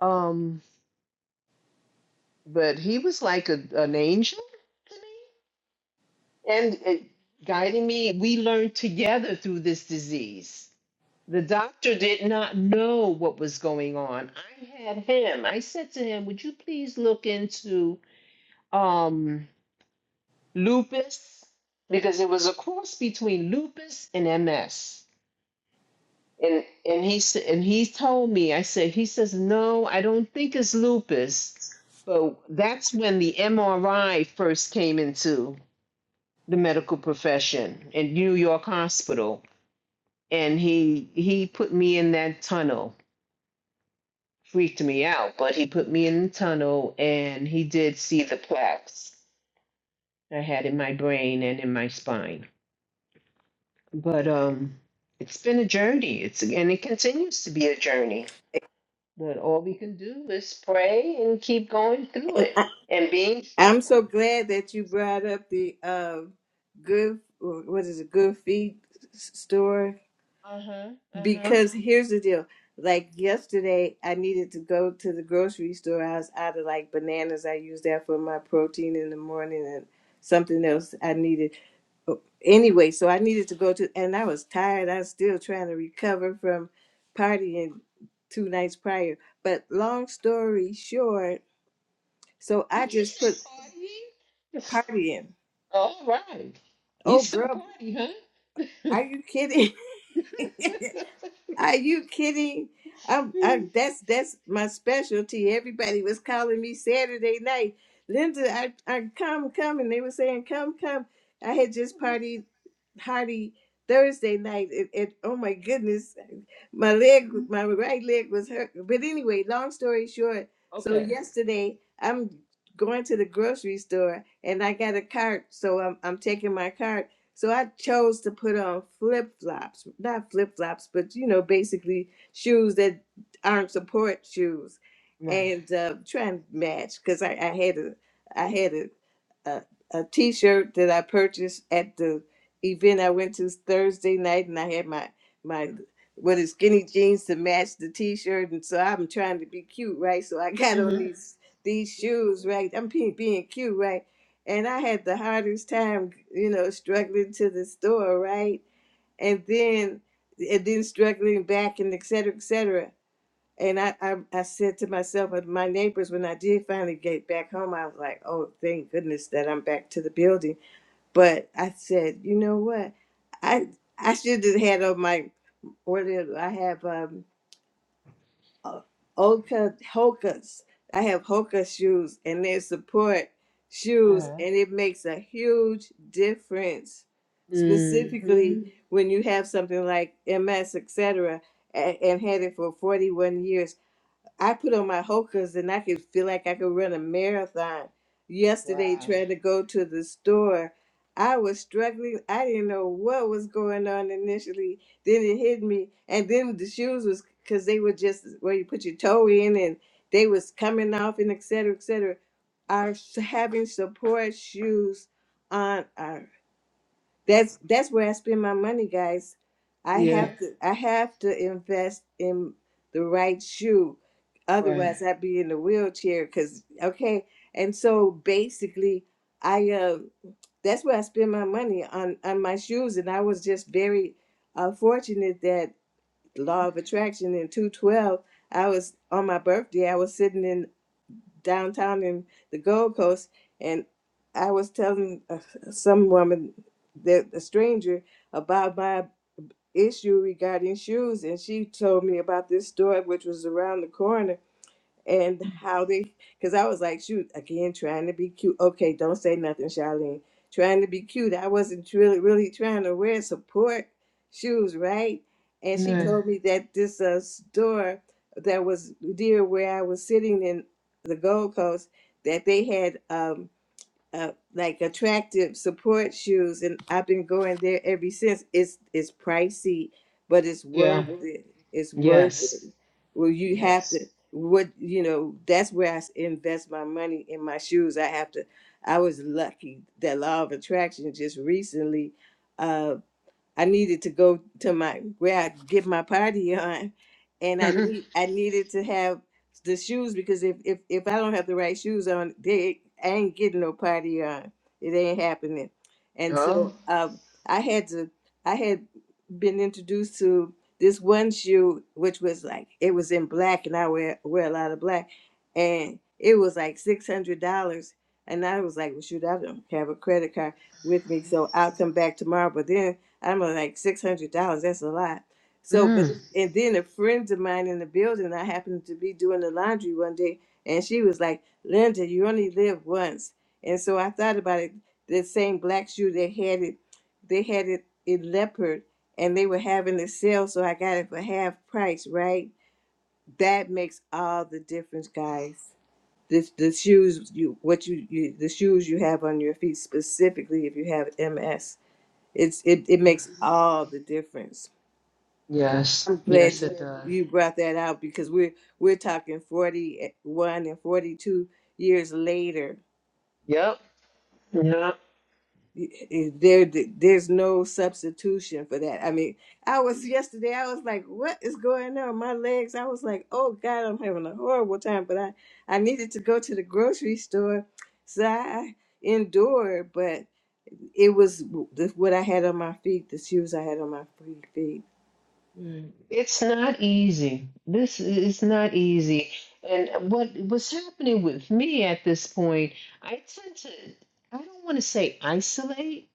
um but he was like a, an angel to me and it, guiding me we learned together through this disease the doctor did not know what was going on i had him i said to him would you please look into um lupus because it was a cross between lupus and MS. And and he s- and he told me, I said, he says, no, I don't think it's lupus, but that's when the MRI first came into the medical profession in New York Hospital, and he he put me in that tunnel, freaked me out, but he put me in the tunnel, and he did see the plaques I had in my brain and in my spine. but um it's been a journey it's and it continues to be a journey but all we can do is pray and keep going through And it I, and being strong I'm so glad that you brought up the um, good what is it good feed s- store uh-huh uh-huh because here's the deal. Like yesterday, I needed to go to the grocery store. I was out of like bananas. I use that for my protein in the morning and something else I needed anyway, so I needed to go to, and I was tired. I was still trying to recover from partying two nights prior. But long story short, so I did you just put say partying partying. all right you Oh, still girl, party huh are you kidding? (laughs) Are you kidding? I'm, I, that's that's my specialty. Everybody was calling me Saturday night, Linda. I, I come come, and they were saying come come. I had just (laughs) partied party Thursday night, and, and oh my goodness, my leg, my right leg was hurt. But anyway, long story short, so okay yesterday I'm going to the grocery store, and I got a cart, so I'm I'm taking my cart so I chose to put on flip flops, not flip flops, but you know, basically shoes that aren't support shoes, right and uh, trying to match because I, I had a I had a, a a t-shirt that I purchased at the event I went to Thursday night, and I had my my what is skinny jeans to match the t-shirt, and so I'm trying to be cute, right? So I got on mm-hmm these these shoes, right? I'm being being cute, right? and I had the hardest time, you know, struggling to the store, right? And then and then struggling back and et cetera, et cetera. And I, I, I said to myself and my neighbors when I did finally get back home, I was like, oh, thank goodness that I'm back to the building. But I said, you know what? I I should have had on my what do I have? um uh, Oka Hokas. I have Hoka shoes and they support shoes uh-huh and it makes a huge difference. hmm Specifically when you have something like MS, etc. and and had it for 41 years. I put on my Hoka's and I could feel like I could run a marathon. Yesterday, wow trying to go to the store, I was struggling. I didn't know what was going on initially. Then it hit me, and then the shoes was because they were just where you put your toe in, and they was coming off, and et cetera, et cetera. Our s- having support shoes on our that's that's where I spend my money, guys. I yeah have to I have to invest in the right shoe, right otherwise I'd be in a wheelchair. Cause okay, and so basically, I uh, that's where I spend my money on on my shoes, and I was just very uh, fortunate that law of attraction in two twelve. I was on my birthday. I was sitting in downtown in the Gold Coast, and I was telling uh, some woman, that a stranger, about my issue regarding shoes, and she told me about this store which was around the corner and how they because I was like, shoot, again trying to be cute. Okay, don't say nothing, Charlene. Trying to be cute. I wasn't really really trying to wear support shoes, right? And she yeah told me that this uh, store that was near where I was sitting in the Gold Coast that they had. Um, uh, like attractive support shoes, and I've been going there ever since. It's it's pricey, but it's yeah worth it. It's worth it. yes Well, you have to Yes. what you know. That's where I s- invest my money in my shoes. I have to. I was lucky that law of attraction just recently. uh, I needed to go to my where I get my party (laughs) on, and I Mhm. need I needed to have the shoes because if if if I don't have the right shoes on, they I ain't getting no party on. It ain't happening. And Oh, so um, I had to I had been introduced to this one shoe which was like it was in black, and I wear wear a lot of black, and it was like six hundred dollars. And I was like, well, shoot, I don't have a credit card with me, so I'll come back tomorrow. But then I'm like six hundred dollars. That's a lot. So, but Mm. and then a friend of mine in the building, I happened to be doing the laundry one day, and she was like, "Linda, you only live once." And so I thought about it. The same black shoe they had it, they had it in leopard, and they were having a sale, so I got it for half price. Right? That makes all the difference, guys. This the shoes you what you, you the shoes you have on your feet specifically if you have MS it's it, it makes all the difference. yes. I'm glad Yes, it does. you brought that out because we're we're talking 41 and 42 years later. Yep. Yep. Y- y- There there's no substitution for that. I mean, I was yesterday. I was like, "What is going on?" My legs. I was like, "Oh God, I'm having a horrible time." But I I needed to go to the grocery store, so I endured. But it was w- the- what I had on my feet, the shoes I had on my free feet. Mm. It's not easy. This is not easy. And what was happening with me at this point, I tend to, I don't want to say isolate,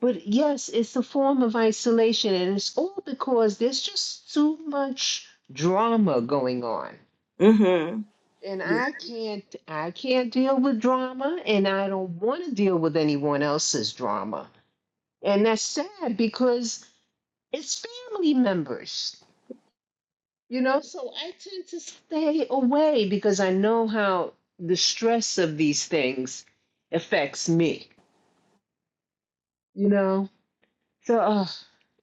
but yes, it's a form of isolation. And it's all because there's just too much drama going on. Mm-hmm. and I can't I can't deal with drama and I don't want to deal with anyone else's drama. And that's sad because it's family members. You know, so I tend to stay away because I know how the stress of these things affects me, you know? So uh,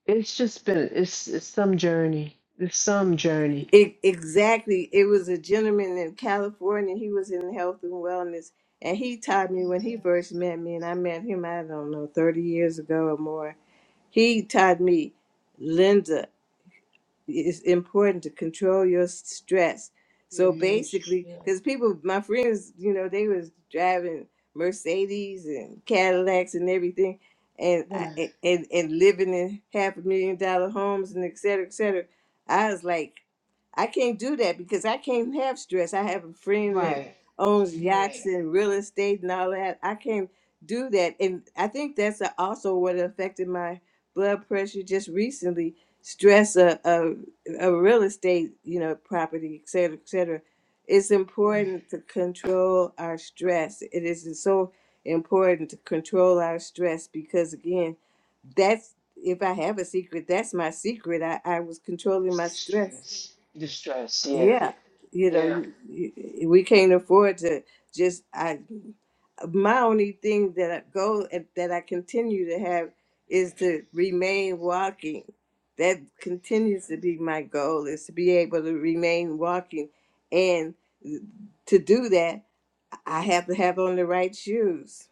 it's just been it's, it's some journey. It's some journey. It, exactly. It was a gentleman in California. He was in health and wellness. And he taught me when he Yeah. first met me, and I met him, I don't know, 30 years ago or more. He taught me, Linda, it's important to control your stress. The So emotion, basically, yeah. because people, my friends, you know, they was driving Mercedes and Cadillacs and everything, and Right. I- and and living in half a million dollar homes and et cetera, et cetera. I was like, I can't do that because I can't have stress. I have a friend that Right. owns Right. yachts and real estate and all that. I can't do that. And I think that's a- also what affected my blood pressure just recently. Stress of a, a real estate, you know, property, et cetera, et cetera. It's Right. important to control our stress. It is so important to control our stress because again, that's if I have a secret, that's my secret. I, I was controlling It's my stress distress. Distress, yeah. yeah, you know, Yeah. you, you, eh, we can't afford to just. I my only thing that I go that I continue to have is to remain walking. That continues to be my goal is to be able to remain walking, and to do that, I have to have on the right shoes.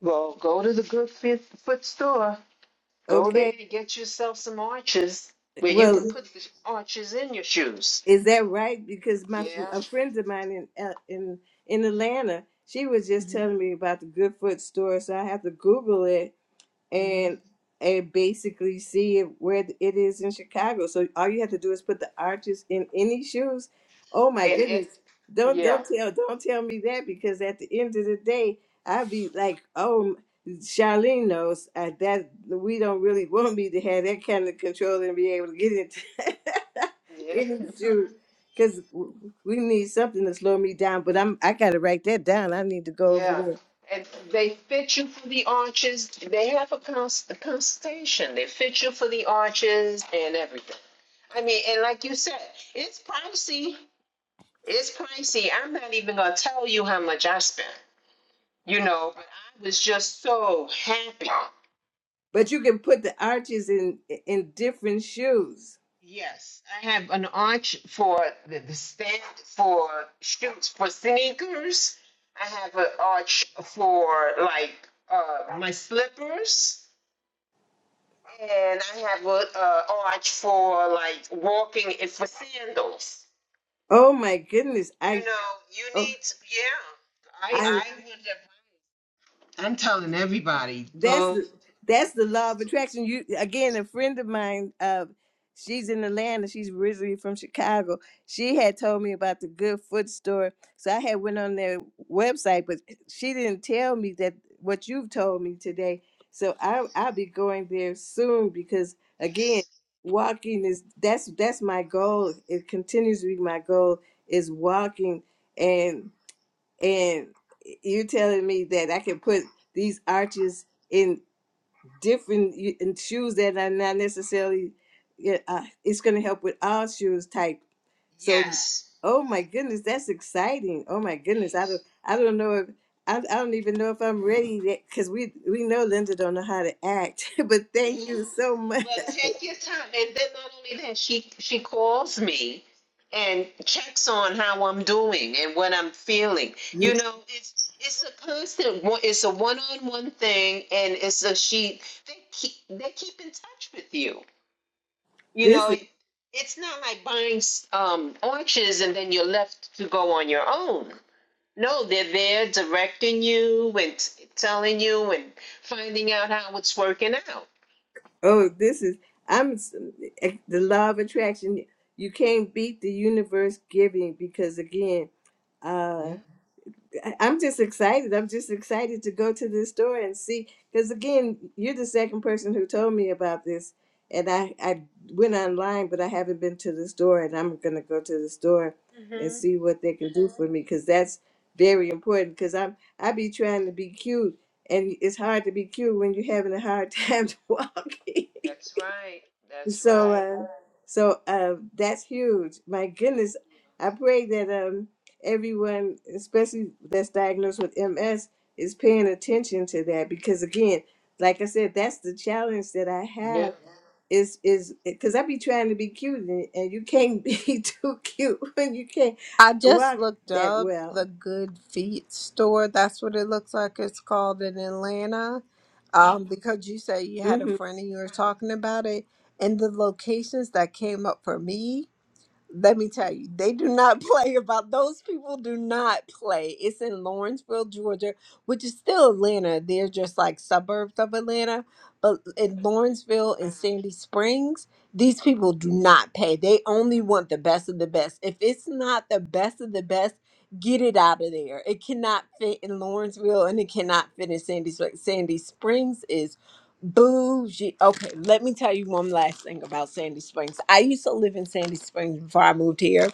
Well, go to the good fit, foot store. Go there Okay. and get yourself some arches where you can Well, put the arches in your shoes. Is that right? Because my Yeah. a friend of mine in L- in in Atlanta, she was just hmm telling me about the Goodfoot store, so I have to Google it hmm and and basically see it where it is in Chicago. So all you have to do is put the arches in any shoes. Oh my And, and, goodness. Don't yeah. don't tell don't tell me that because at the end of the day, I'd be like, oh Charlene knows uh, that we don't really want me to have that kind of control and be able to get into (laughs) Yeah. any (laughs) shoe because we need something to slow me down. But I'm I gotta write that down. I need to go over yeah. there. And they fit you for the arches. They have a, cons- a consultation. They fit you for the arches and everything. I mean, and like you said, it's pricey. It's pricey. I'm not even gonna tell you how much I spent, you know, but I was just so happy. But you can put the arches in in different shoes. Yes, I have an arch for the, the stand for shoots for sneakers. I have an arch for like uh, my slippers, and I have an uh, arch for like walking and for sandals. Oh my goodness. You I know, you oh, need to, yeah. I I I would have. I'm telling everybody, That's go to the the that's the offense law of store. attraction. You again, a friend of mine, uh, she's in Atlanta. She's originally from Chicago. She had told me about the Good Foot store, so I had went on their website, but she didn't tell me that what you've told me today. So I I'll be going there soon because again, Yes. walking is that's that's my goal. It continues to be my goal is walking and and you're telling me that I can put these arches in different y- and shoes that are not necessarily yeah, uh, it's going to help with all shoes type so Sure. Yes. oh my goodness that's exciting oh my goodness i don't i don't know if i, I don't even know if i'm ready yet, because we we know linda don't know how to act (laughs) but thank Yes. you so (laughs) much well, take your time. And then not only that, she she calls me and checks on how I'm doing and what I'm feeling. You know, it's it's a constant one it's a one-on-one thing and it's a she they keep they keep in touch with you. (laughs) You this is know, it's not like buying um, oranges and then you're left to go on your own No, they're there directing you and t- telling you and finding out how it's working out. oh this is i'm s- eh, the law of attraction you can't beat the universe giving because again uh, Yeah. I- am just excited. I'm just excited to go to this store and see. Because again, you're the second person who told me about this, and I I went online, but I haven't been to the store, and I'm gonna go to the store and hmm see what they can do for me because that's very important. Because I'm I be trying to be cute, and it's hard to be cute when you're having a hard (laughs) time to walk. That's right. That's So, right. uh, so uh, that's huge. My goodness, I pray that um, everyone, especially that's diagnosed with MS, is paying attention to that because, again, like I said, that's the challenge that I Yeah. Yeah. have is is because I be trying to be cute and, and you can't be (laughs) too cute when you can't I just walk looked that up the well. Good Feet store. That's what it looks like it's called in Atlanta. Um, because you said you had a Mm-hmm. friend and you were Uh-huh. talking about it. And the locations that came up for me let me tell you, they do not (laughs) play about those people do not play. It's in Lawrenceville, Georgia, which is still Atlanta. They're just like suburbs of Atlanta. But in Lawrenceville and Sandy Springs, these people do not pay. They only want the best of the best. If it's not the best of the best, get it out of there. It cannot fit in Lawrenceville and it cannot fit in Sandy Springs. Sandy Springs is Bougie. Okay, let me tell you one last thing about Sandy Springs. I used to live in Sandy Springs before I moved here.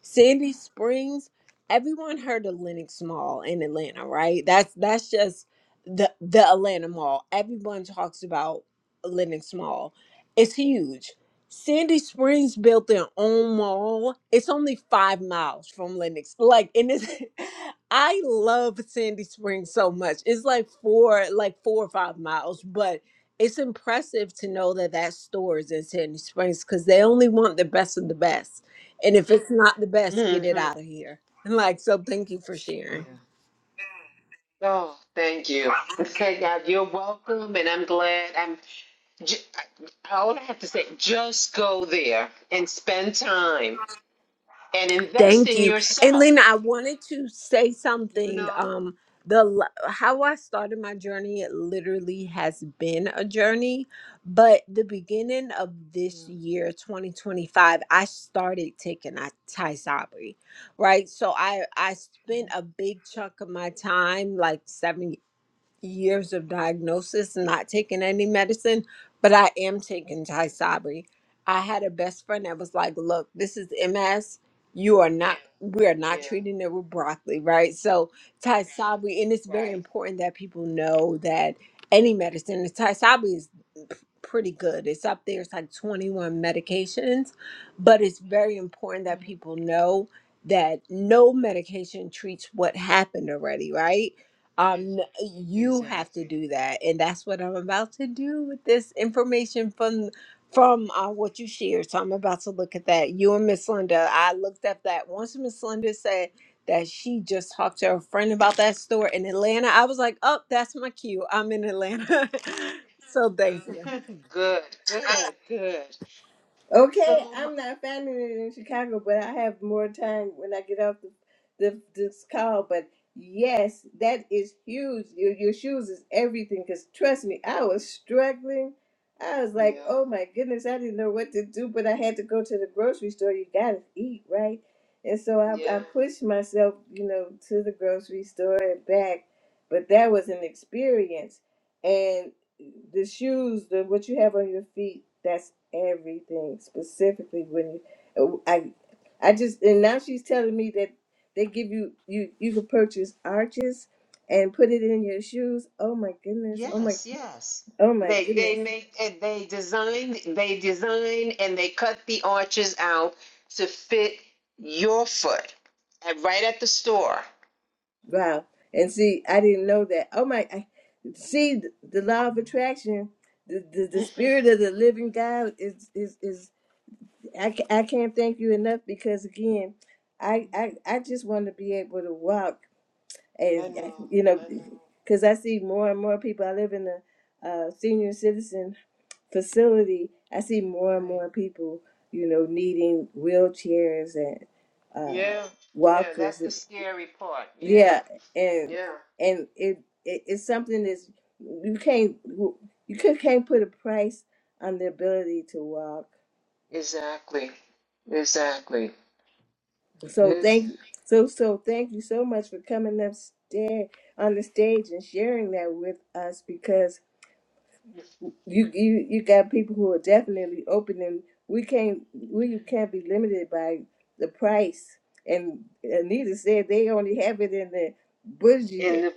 Sandy Springs, everyone heard of Lenox Mall in Atlanta, right? That's that's just the the Atlanta Mall. Everyone talks about Lenox Mall. It's huge. Sandy Springs built their own mall. It's only five miles from Lenox. Like, and it's (laughs) I love Sandy Springs so much. It's like four, like four or five miles, but it's impressive to know that that store is in Sandy Springs because they only want the best of the best. And if it's not the best, get it Mm-hmm. out of here. (laughs) Like, so thank you for Yeah. sharing. Oh, thank you. Thank God. You're welcome, and I'm glad. I'm. Ju- all I have to say, just go there and spend time and invest Thank in you. And yourself. Lena, I wanted to say You something. know. Um, the l- how I started my journey, it literally has been a journey. But the beginning of this Yeah. year, 2025, I started taking a Thai sabri, right? So I I spent Mhm. a big chunk of my time, like seven years of diagnosis, not taking any medicine, but I am taking Tysabri. I had a best friend that was like, "Look, this is MS. You are not. We are not Yeah. treating it with broccoli, right? So Tysabri, and it's very Right. important that people know that any medicine, Tysabri is pretty good. It's up there, it's like 21 medications, but it's very important that people know that no medication treats what happened already, right? Um, you have to Exactly. do that, and that's what I'm about to do with this information from from uh, what you shared. So I'm about to look at that. You and Miss Linda, I looked up that once Miss Linda said that she just talked to her friend about that store in Atlanta. I was like, oh, that's my cue. I'm in Atlanta. (laughs) so thank you. (laughs) Good, good, good. Okay, So, I'm not founded in Chicago, but I have more time when I get off the, the this call. But yes, that is huge. Your, your shoes is everything. Cause trust me, I was struggling. I was like, Yeah, oh my goodness, I didn't know what to do, but I had to go to the grocery store. You gotta eat, right? And so yeah. I, I pushed myself, you know, to the grocery store and back. But that was an experience the shoes, the what you have on your feet, that's everything. Specifically, when you, I, I just and now she's telling me that they give you you you can purchase arches and put it in your shoes. Oh my goodness! Oh my! yes, yes. Oh my They goodness! they make and they design they design and they cut the arches out to fit your foot at, right at the store. Wow! And see, I didn't know that. Oh my! I, see, the, the law of attraction. The, the, (laughs) the I spirit of the living God is is is I, ca- I can't thank you enough because again I, I I just want to be able to walk and know, you know I know. because i see more and more people i live in a, uh senior citizen facility i see more and Right. more people you know needing wheelchairs and uh Yeah, yeah, that's walkers the scary part. Yeah, yeah and yeah, and it, it it's something that's you can't you could- can't put a price on the ability to walk exactly, exactly, so exactly. thank so so thank you so much for coming upstairs on the stage and sharing that with us because you you you got people who are definitely open and we can't we can't be limited by the price and anita said they only have it in the And bougie the,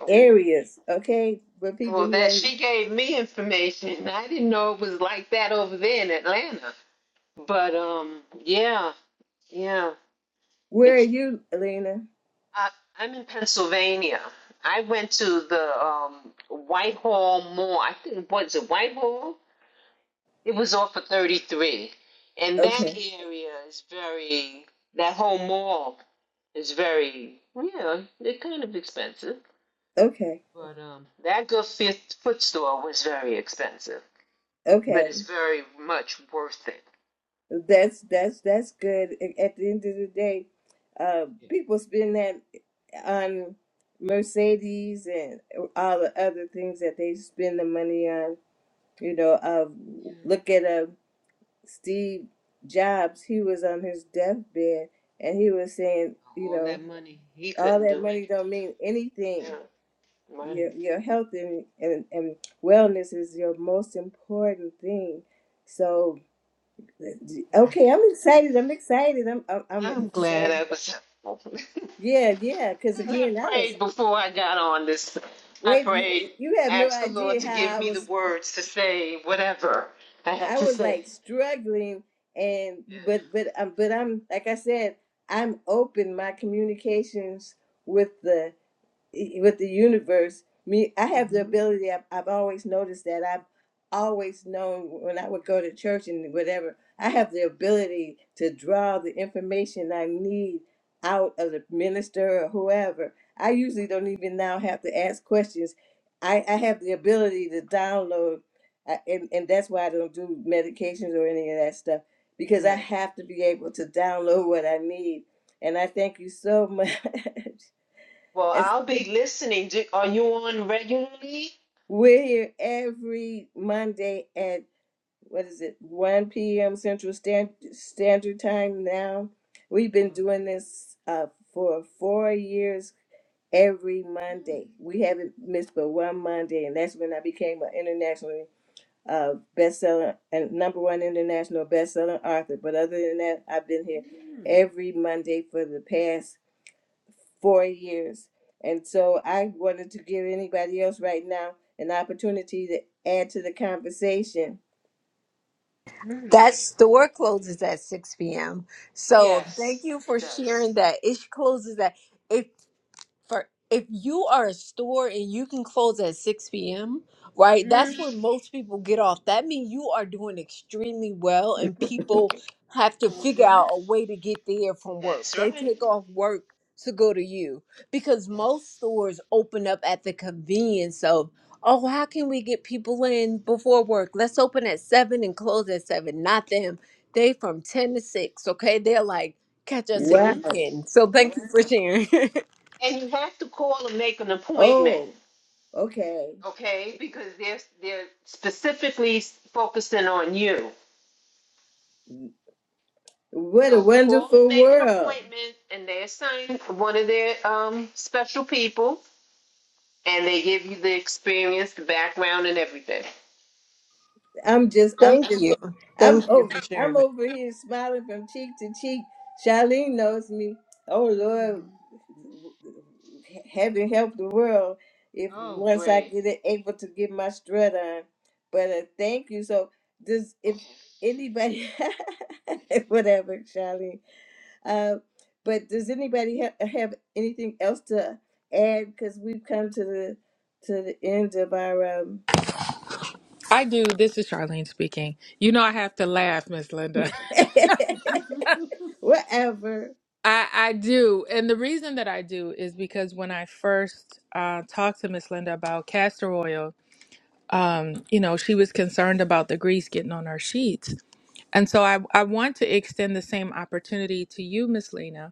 oh, areas okay but people Well, who that ain't she gave me information. I didn't know it was like that over there in Atlanta. But um, yeah, yeah. where are It's you elena I, I'm in Pennsylvania. I went to the um Whitehall Mall. I think was it Whitehall? It was off of 33, and that okay area is very. That whole mall is very yeah. They're kind of expensive, okay but um, that good fit, foot store was very expensive. but okay it's very much worth it. that's that's that's good A- at the end of the day uh Yeah. people spend that on mercedes and all the other things that they spend the money on You know, uh, Yeah. look at uh, Steve Jobs. He was on his deathbed, and he was saying, you All know, that money, he all couldn't that do money don't anything. mean anything. Yeah, right. Your your health and and, and wellness is your most important thing. So, right. okay, I'm excited. I'm excited. I'm I'm, I'm I'm glad excited. I was because Yeah, yeah. Because (laughs) I again, I was prayed before I got on this. I wait. prayed, You you have no asked the Lord idea to give how I me the was words to say whatever I had I to was say. like struggling and but but um, but I'm like I said, I'm open. My communications with the i- with the universe me i Yeah. have the hmm ability I've, I've always noticed that i've always known when i would go to church and whatever i have the ability to draw the information i need out of the minister or whoever i usually don't even now have to ask questions i, I have the ability to download I- and, and that's why i don't do medications or any of that stuff because i Right. have to be able to download what i need and i thank you so much Well, (laughs) I'll be listening. Do, are you on regularly? We're here every Monday at what is it, 1 p.m. Central Stand- Standard Time now. We've been doing this uh, for four years every Mm. Monday. We haven't missed but one Monday, and that's when I became an international uh, bestseller and number one international bestselling author. But other than that, I've been here Mm. every Monday for the past four years. And so I wanted to give anybody else right now an opportunity to add to the conversation. Mm. That Oh, store great. closes at 6 p.m. So thank Yes, you it for does. sharing that. It closes at if for if you are a store and you can close at 6 p.m right that's when most people get off that means you are doing extremely well and people have to Mm-hmm. figure out a way to get there from work That's they right. take off work to go to you because Yes. most stores open up at the convenience of oh how can we get people in before work let's open at 7 and close at 7 not them they from 10 to 6 okay they're like catch us if Wow. you Mm-hmm. can so thank you for sharing And you have to call and make an appointment, Oh, okay. okay? Because they're they're specifically focusing on you. What a So call and wonderful make an world. appointment, and they assign one of their um, special people, and they give you the experience, the background, and everything. I'm just, I'm Thank just, you. Thank I'm you over, for Mm-hmm. sharing that. I'm over here smiling from cheek to cheek. Charlene knows me. Oh Lord, Mm-hmm. heaven help the world if Oh, once I great. get it, able to get my strut on. But uh, thank you. So does if Okay. anybody, (laughs) whatever, Charlene. Uh, but does anybody ha- have anything else to add? Because we've come to the to the end of our um. I do. This is Charlene speaking. You know, I have to laugh, Miss Linda. (laughs) Whatever. (laughs) I, I do. And the reason that I do is because when I first uh, talked to Miss Linda about castor oil, um, you know, she was concerned about the grease getting on her sheets. And so I, I want to extend the same opportunity to you, Miss Lena,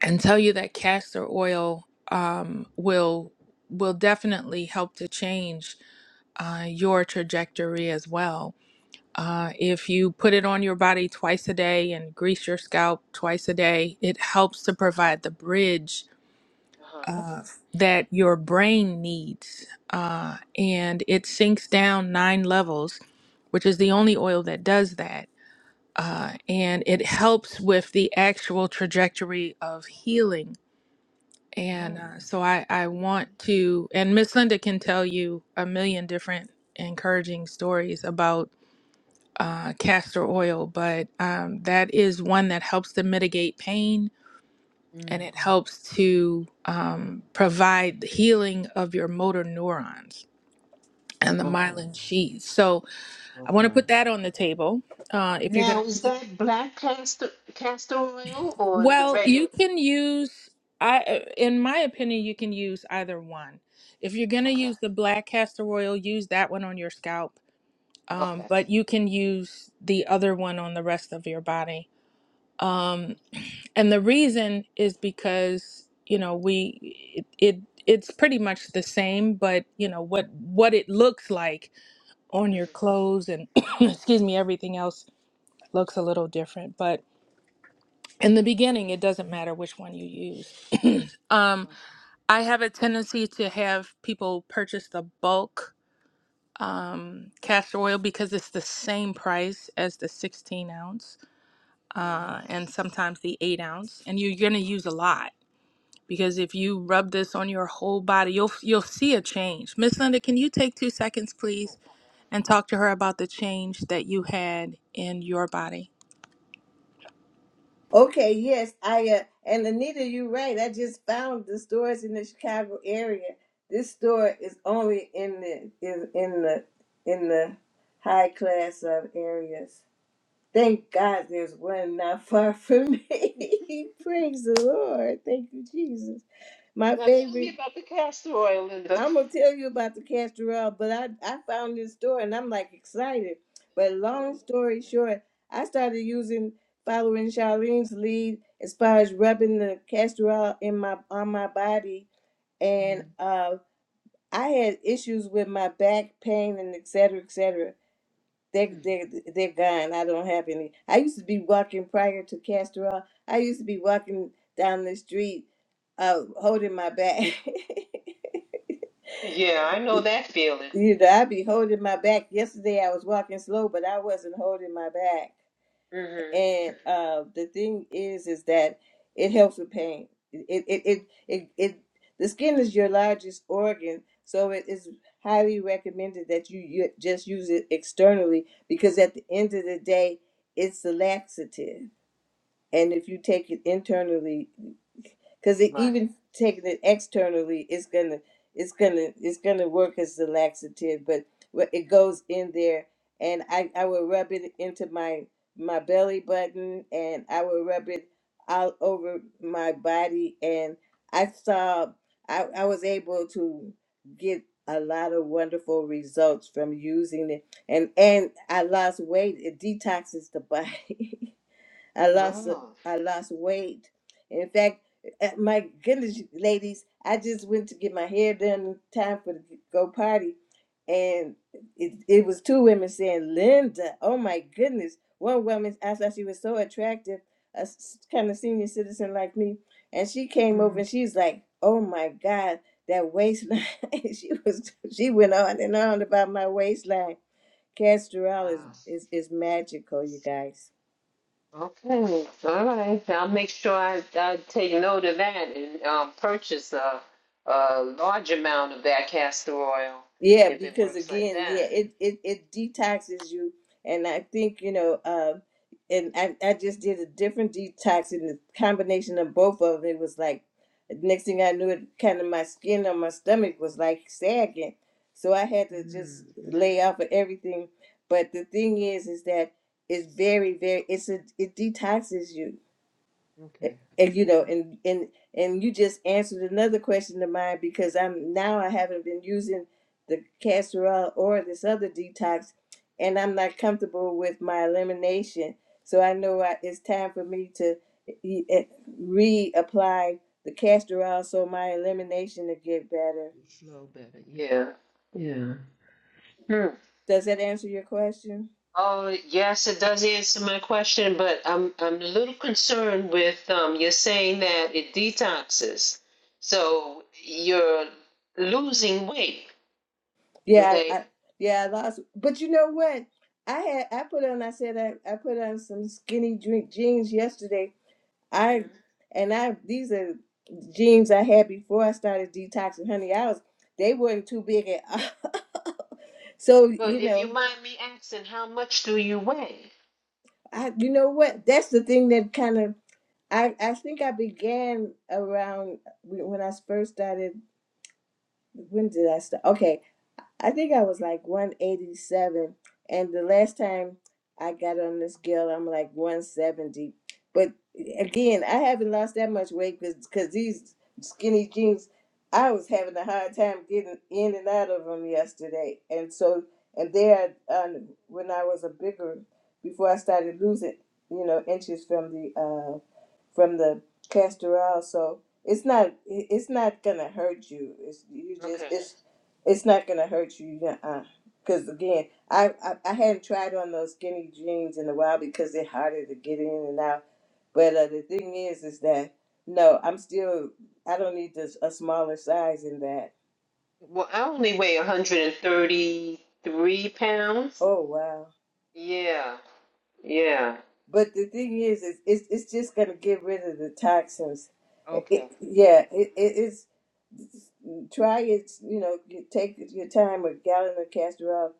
and tell you that castor oil um, will will definitely help to change uh, your trajectory as well. Uh, if you put it on your body twice a day and grease your scalp twice a day, it helps to provide the bridge uh, that your brain needs, uh, and it sinks down nine levels, which is the only oil that does that. Uh, and it helps with the actual trajectory of healing (laughs) Uh huh. and uh, so I, I want okay. to, and Miss Linda can tell you a million different encouraging stories about uh, castor oil, but um, that is one that helps to mitigate pain and Mm. it helps to um, provide the healing of your motor neurons and the Okay. myelin sheath. So I want to Okay. put that on the table. Uh, if you're going Now, is to that black castor castor oil or the Well, regular? you can use I uh, in my opinion you can use either one. If you're going Okay. to use the black castor oil, use that one on your scalp. Um, Okay. but you can use the other one on the rest of your body. Um, and the reason is because, you know, we it, it it's pretty much the same, but you know what what it looks like on Mhm. your clothes and (coughs) (clears throat) excuse me, everything else looks a little different, but in the beginning it doesn't matter which one you use (clears throat) um Okay. i have a tendency to have people purchase the bulk um castor oil because it's the same price as the 16 ounce Mm. uh and sometimes the 8 ounce and you're gonna use a lot because if you rub this on your whole body you'll you'll see a change miss linda can you take two seconds Oh, please great. and talk to her about the change that you had in your body Okay, yes, I uh, and Anita, you're right. I just found the stores in the Chicago area. This store is only in the is in the in the high class of areas. Thank God there's one not far from me. (laughs) Praise the Lord. Thank you, Jesus. My Now tell favorite me about the castor oil, Linda. I'm gonna tell you about the castor oil, but I I found this store and I'm like excited. But Oh, long story okay. short, I started using following Charlene's lead as far as rubbing the castor oil in my on my body, and Mm. uh, I had issues with my back pain and et cetera, et cetera. They Mm. they they're gone. I don't have any. I used to be walking prior to castor oil. I used to be walking down the street, uh, holding my back. (laughs) Yeah, I know that feeling. You know, I be holding my back. Yesterday I was walking slow, but I wasn't holding my back. Mm-hmm. And uh, the thing is, is that it helps with pain. It, it, it, it, it, the skin is your largest organ, so it is highly recommended that you, you just use it externally because at the end of the day, it's a laxative. And if you take it internally, because Right. even taking it externally it's gonna it's gonna it's gonna work as the laxative but wh- it goes in there and i i will rub it into my my belly button and i will rub it all over my body and i saw i, I was able to get a lot of wonderful results from using it and and i lost weight it detoxes the body (laughs) I lost Oh, I lost weight. In fact, uh, my goodness, ladies, I just went to get my hair done in time for the go party, and it, it was two women saying, "Linda, oh my goodness!" One woman, I thought she was so attractive, a kind of senior citizen like me, and she came over and she's like, "Oh my God, that waistline!" (laughs) she was she went on and on about my waistline. Castor oil is wow. is is magical, you guys. Okay. All right. I'll make sure I, I take note of that and um, purchase a, a large amount of that castor oil Yeah, if it because works like again, yeah, that. it it it detoxes you, and I think you know, um, and I I just did a different detox, and the combination of both of it was like, next thing I knew, it kind of my skin on my stomach was like sagging, so I had to Mm, mm, just lay off of everything. But the thing is, is that it's very very it's a it detoxes you, okay. a- and you All know right. and and and you just answered another question of mine because i'm now i haven't been using the castor oil or this other detox and i'm not comfortable with my elimination so i know I, it's time for me to e- e- reapply the castor oil so my elimination to get better Mhm. Flow better. Yeah. Yeah. Hmm. does that answer your question Oh, yes, it does answer my question, but I'm I'm a little concerned with um you're saying that it detoxes. So you're losing weight, yeah i, okay? I yeah i lost but you know what i had i put on i said i, I put on some skinny drink jeans yesterday I Mhm. and I these are jeans I had before I started detoxing honey. I was they weren't too big at all. (laughs) so you But if know, you mind me asking, how much do you weigh? I you know what? That's the thing that kind of I I think I began around when I first started. When did I start? Okay, I think I was like 187. And the last time I got on this scale, I'm like 170. But again, I haven't lost that much weight because these skinny jeans, I was having a hard time getting in and out of them yesterday. And so, and there, um, when I was a bigger, before I started losing, you know, inches from the uh, from the castor oil. So it's not it's not gonna hurt you. It's you just Okay. it's it's not gonna hurt you. yeah, Uh, because again, I, I I hadn't tried on those skinny jeans in a while because they're harder to get in and out. But uh, the thing is, is that no, I'm still I don't need this a smaller size in that. Well, I only weigh 133 pounds. Oh wow. Yeah. Yeah. But the thing is, is it's it's just gonna get rid of the toxins. It, Okay. it- yeah, it, it it's try it. You know, you take your time with gallon of castor oil.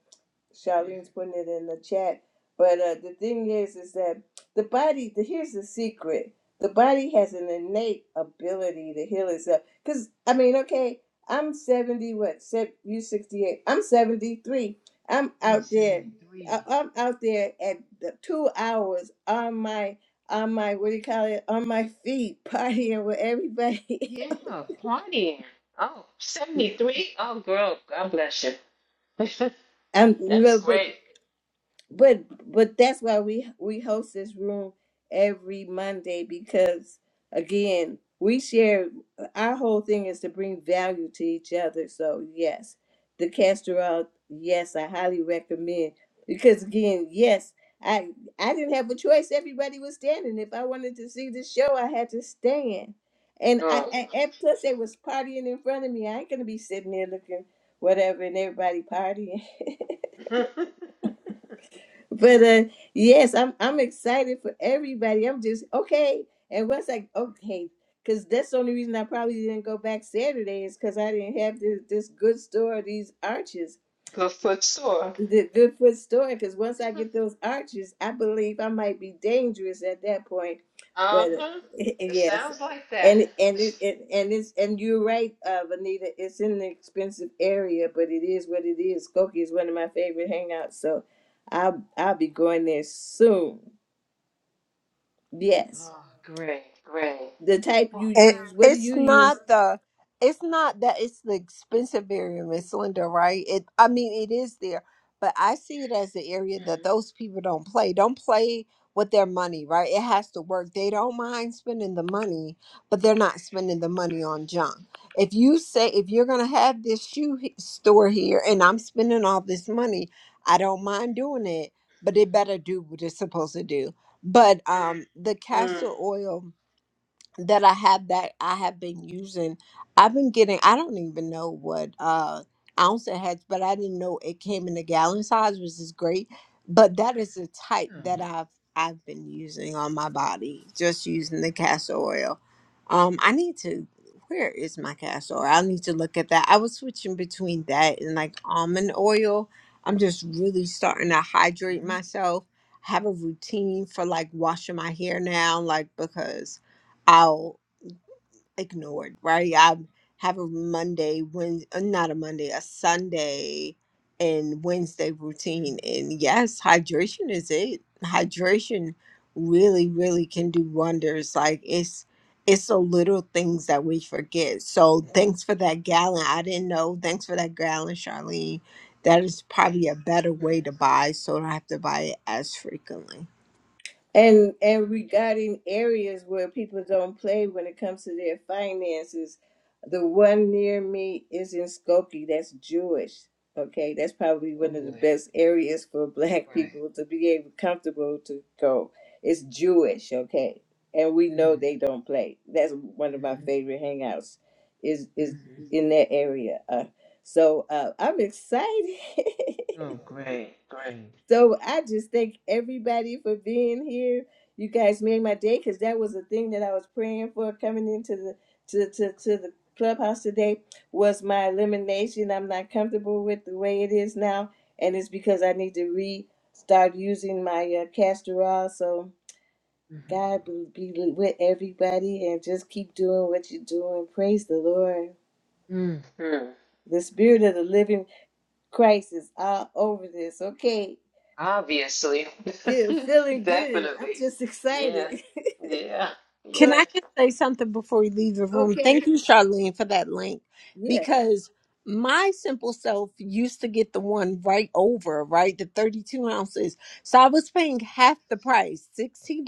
Charlene's putting it in the chat. But uh, the thing is, is that the body, the, here's the secret the body has an innate ability to heal itself. Because, I mean, okay, I'm 70, what, se- you 68, I'm 73. I'm Three out there. I- seventy-three. I'm out there at the two hours on my on my what do you call it on my feet (laughs) partying with everybody. Yeah, partying. Oh, 73. Oh, girl, God bless you. (laughs) (laughs) I'm no, That's but great. but but that's why we we host this room every monday because again we share our whole thing is to bring value to each other so yes the castor oil yes i highly recommend because again yes i i didn't have a choice everybody was standing if i wanted to see the show i had to stand and i Oh. and and plus they was partying in front of me i ain't gonna be sitting there looking whatever and everybody partying (laughs) (laughs) Good but uh yes i'm i'm excited for everybody i'm just okay and once i okay because that's the only reason i probably didn't go back saturday is because i didn't have this this good store these arches foot sore. the good foot story, because once I get those arches, I believe I might be dangerous at that point. But uh, Uh-huh. (laughs) It yes, sounds like that. and and it, it and it's and you're right, uh, Vanita. It's in an expensive area, but it is what it is. Skokie is one of my favorite hangouts, so I'll I'll be going there soon. Yes, Oh, great, great. the type you Well, It, use. What do you it's use not the it's not that it's the expensive area, Miss Linda, right? It I mean it is there, but I see it as the area that mm-hmm, those people don't play. Don't play with their money, right? It has to work. They don't mind spending the money, but they're not spending the money mm-hmm, on junk. If you say if you're gonna have this shoe he- store here and I'm spending all this money, I don't mind doing it, but it better do what it's supposed to do. But um the castor oil that I have that I have been using. I've been getting I don't even know what uh ounce it has, but I didn't know it came in a gallon size, which is great. But that is the type Huh. that I've I've been using on my body, just using the castor oil. Um I need to where is my castor oil? I need to look at that. I was switching between that and like almond oil. I'm just really starting to hydrate mm-hmm, myself. Have a routine for like washing my hair now, like because I'll ignore it, right? I have a Monday, when uh, not a Monday, a Sunday and Wednesday routine. mm-hmm. And yes, hydration is it. Hydration really, really can do wonders. Like it's it's the little things that we forget. So thanks for that gallon. I didn't know. Thanks for that gallon, Charlene. That is probably a better way to buy, so I don't have to buy it as frequently. And and regarding areas where people don't play when it comes to their finances, the one near me is in Skokie. That's Jewish. Okay, that's probably Oh one of the boy. best areas for (laughs) Black Right. people to be able comfortable to go. It's Jewish. Okay, and we know mm-hmm, they don't play. That's one of my mm-hmm. favorite hangouts. Is is mm-hmm. in that area. Uh, so uh, I'm excited. (laughs) Oh, great, great. So I just thank everybody for being here. You guys made my day because that was the thing that I was praying for coming into the to, to, to the clubhouse today was my elimination. I'm not comfortable with the way it is now, and it's because I need to re start using my uh, castor oil. So Mm-hmm. God be, be with everybody and just keep doing what you're doing. Praise the Lord. Mm-hmm. The spirit of the living Christ is all over this. Okay. Obviously. Dude, (laughs) feeling good. I'm Definitely. just Yeah. excited. (laughs) Yeah. Can so Yeah. I just say something before we leave the room? okay. Thank you, Charlene, for that link Yeah. because my simple self used to get the one right over, right? The 32 ounces. So I was paying half the price, $60,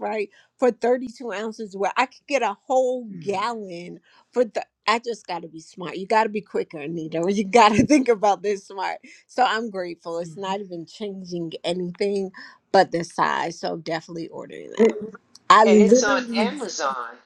right? For 32 ounces, where I could get a whole Mm-hmm. gallon for the. I just got to be smart. You got to be quicker, Anita. You got to (laughs) think about this smart. So I'm grateful. It's not even changing anything but the size. So definitely ordering that. I And it's on literally Amazon.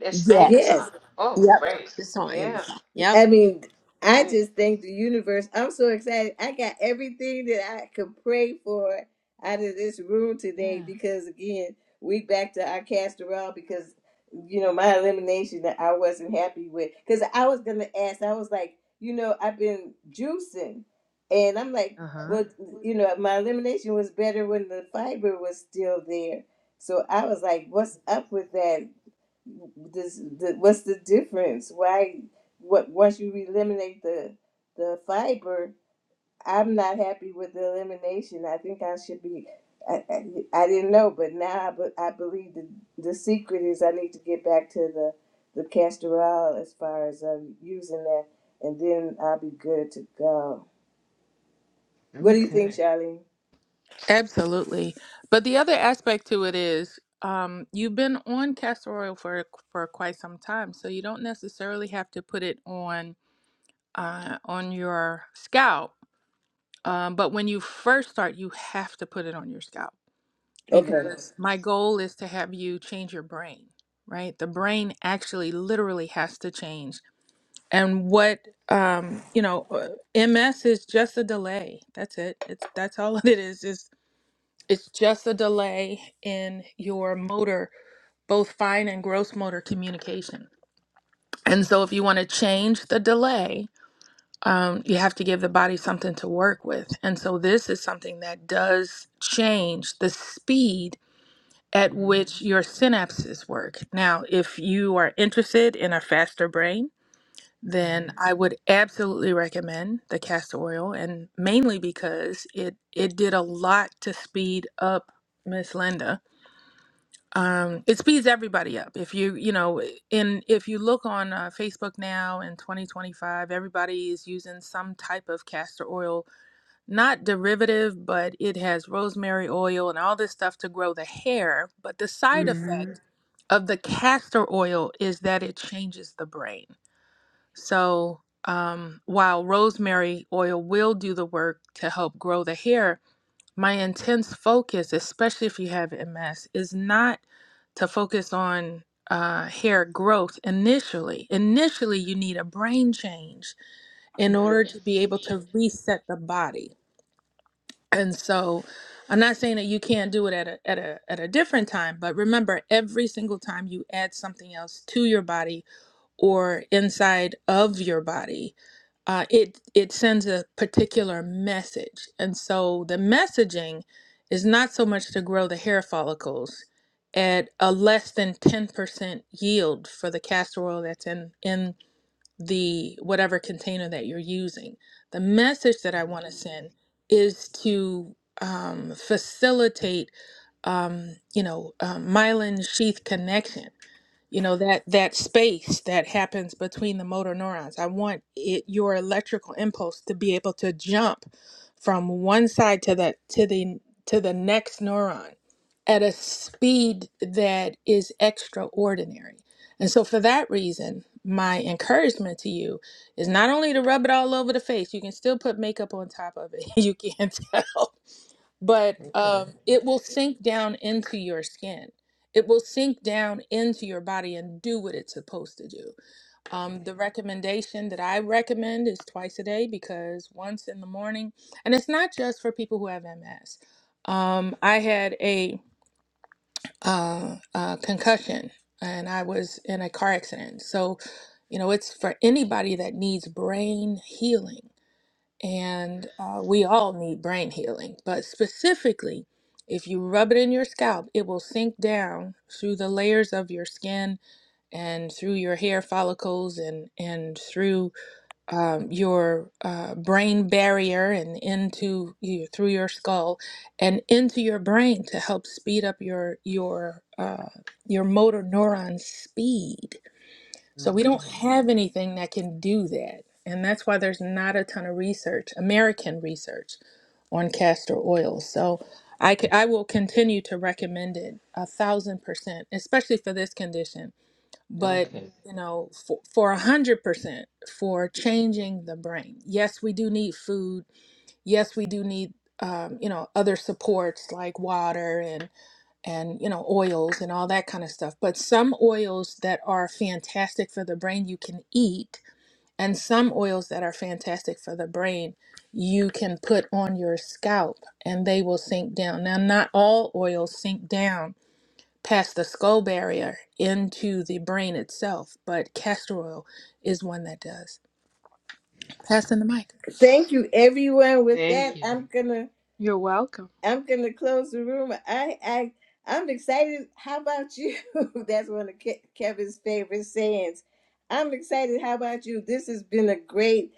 That's Yes. Yes. Amazon. Yep. Oh, great. It's on Yeah. Amazon. Yep. I mean, I Great. just thank the universe. I'm so excited. I got everything that I could pray for out of this room today Yeah. because, again, we back to our casserole because, you know, my elimination that I wasn't happy with. Because I was going to ask, I was like, you know, I've been juicing. And I'm like, Uh huh. well, you know, my elimination was better when the fiber was still there. So I was like, what's up with that? this the, what's the difference why what once you eliminate the the fiber i'm not happy with the elimination i think i should be i, I, I didn't know but now I, be, I believe the the secret is i need to get back to the the castor oil as far as um, using that and then i'll be good to go what do you think Okay. charlene Absolutely. But the other aspect to it is um, you've been on castor oil for for quite some time, so you don't necessarily have to put it on uh, on your scalp. Um, but when you first start, you have to put it on your scalp okay Okay. because my goal is to have you change your brain. Right, the brain actually literally has to change, and what um, you know, uh, MS is just a delay. That's it. It's that's all (laughs) it is. It's just a delay in your motor, both fine and gross motor communication. And so, if you want to change the delay, um, you have to give the body something to work with. And so, this is something that does change the speed at Mm-hmm. which your synapses work. Now, if you are interested in a faster brain, Mm-hmm. then I would absolutely recommend the castor oil, and mainly because it it did a lot to speed up Miss Linda um, it speeds everybody up. If you, you know, in if you look on uh, Facebook now in 2025, everybody is using some type of castor oil, not derivative, but it has rosemary oil and all this stuff to grow the hair. But the side hmm effect of the castor oil is that it changes the brain. So um, while rosemary oil will do the work to help grow the hair, my intense focus, especially if you have MS, is not to focus on uh, hair growth initially. Initially, you need a brain change in order Mhm. to be able to reset the body. And so, I'm not saying that you can't do it at a at a at a different time, but remember, every single time you add something else to your body or inside of your body, uh, it it sends a particular message and so the messaging is not so much to grow the hair follicles at a less than 10% yield for the castor oil that's in in the whatever container that you're using the message that i want to send is to um, facilitate um, you know um, myelin sheath connection you know that that space that happens between the motor neurons i want it your electrical impulse to be able to jump from one side to the to the to the next neuron at a speed that is extraordinary and so for that reason my encouragement to you is not only to rub it all over the face you can still put makeup on top of it (laughs) you can not tell but Okay. um, it will sink down into your skin. It will sink down into your body and do what it's supposed to do. Um, the recommendation that I recommend is twice a day because once in the morning, and it's not just for people who have MS. Um, I had a, uh, uh concussion and I was in a car accident. So, you know, it's for anybody that needs brain healing and uh, we all need brain healing, but specifically, if you rub it in your scalp, it will sink down through the layers of your skin and through your hair follicles and, and through um, your uh, brain barrier and into you, through your skull and into your brain to help speed up your your uh, your motor neuron speed so we don't Okay. have anything that can do that. And that's why there's not a ton of research, American research, on castor oil. So I, c- I will continue to recommend it a thousand percent, especially for this condition. But Okay. you know, for, for a hundred percent for changing the brain. Yes, we do need food. Yes, we do need um, you know other supports like water and and you know oils and all that kind of stuff but some oils that are fantastic for the brain you can eat and some oils that are fantastic for the brain you can put on your scalp and they will sink down now not all oils sink down past the skull barrier into the brain itself but castor oil is one that does passing the mic thank you everyone with Thank that i'm you. gonna You're welcome. I'm gonna close the room. I I I'm excited. How about you? (laughs) That's one of Ke- Kevin's favorite sayings. I'm excited. How about you? This has been a great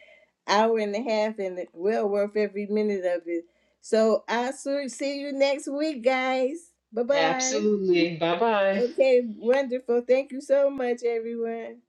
hour and a half, and it well worth every minute of it. So I'll see see you next week, guys. Bye bye. Absolutely. Bye bye. Okay, wonderful. Thank you so much, everyone.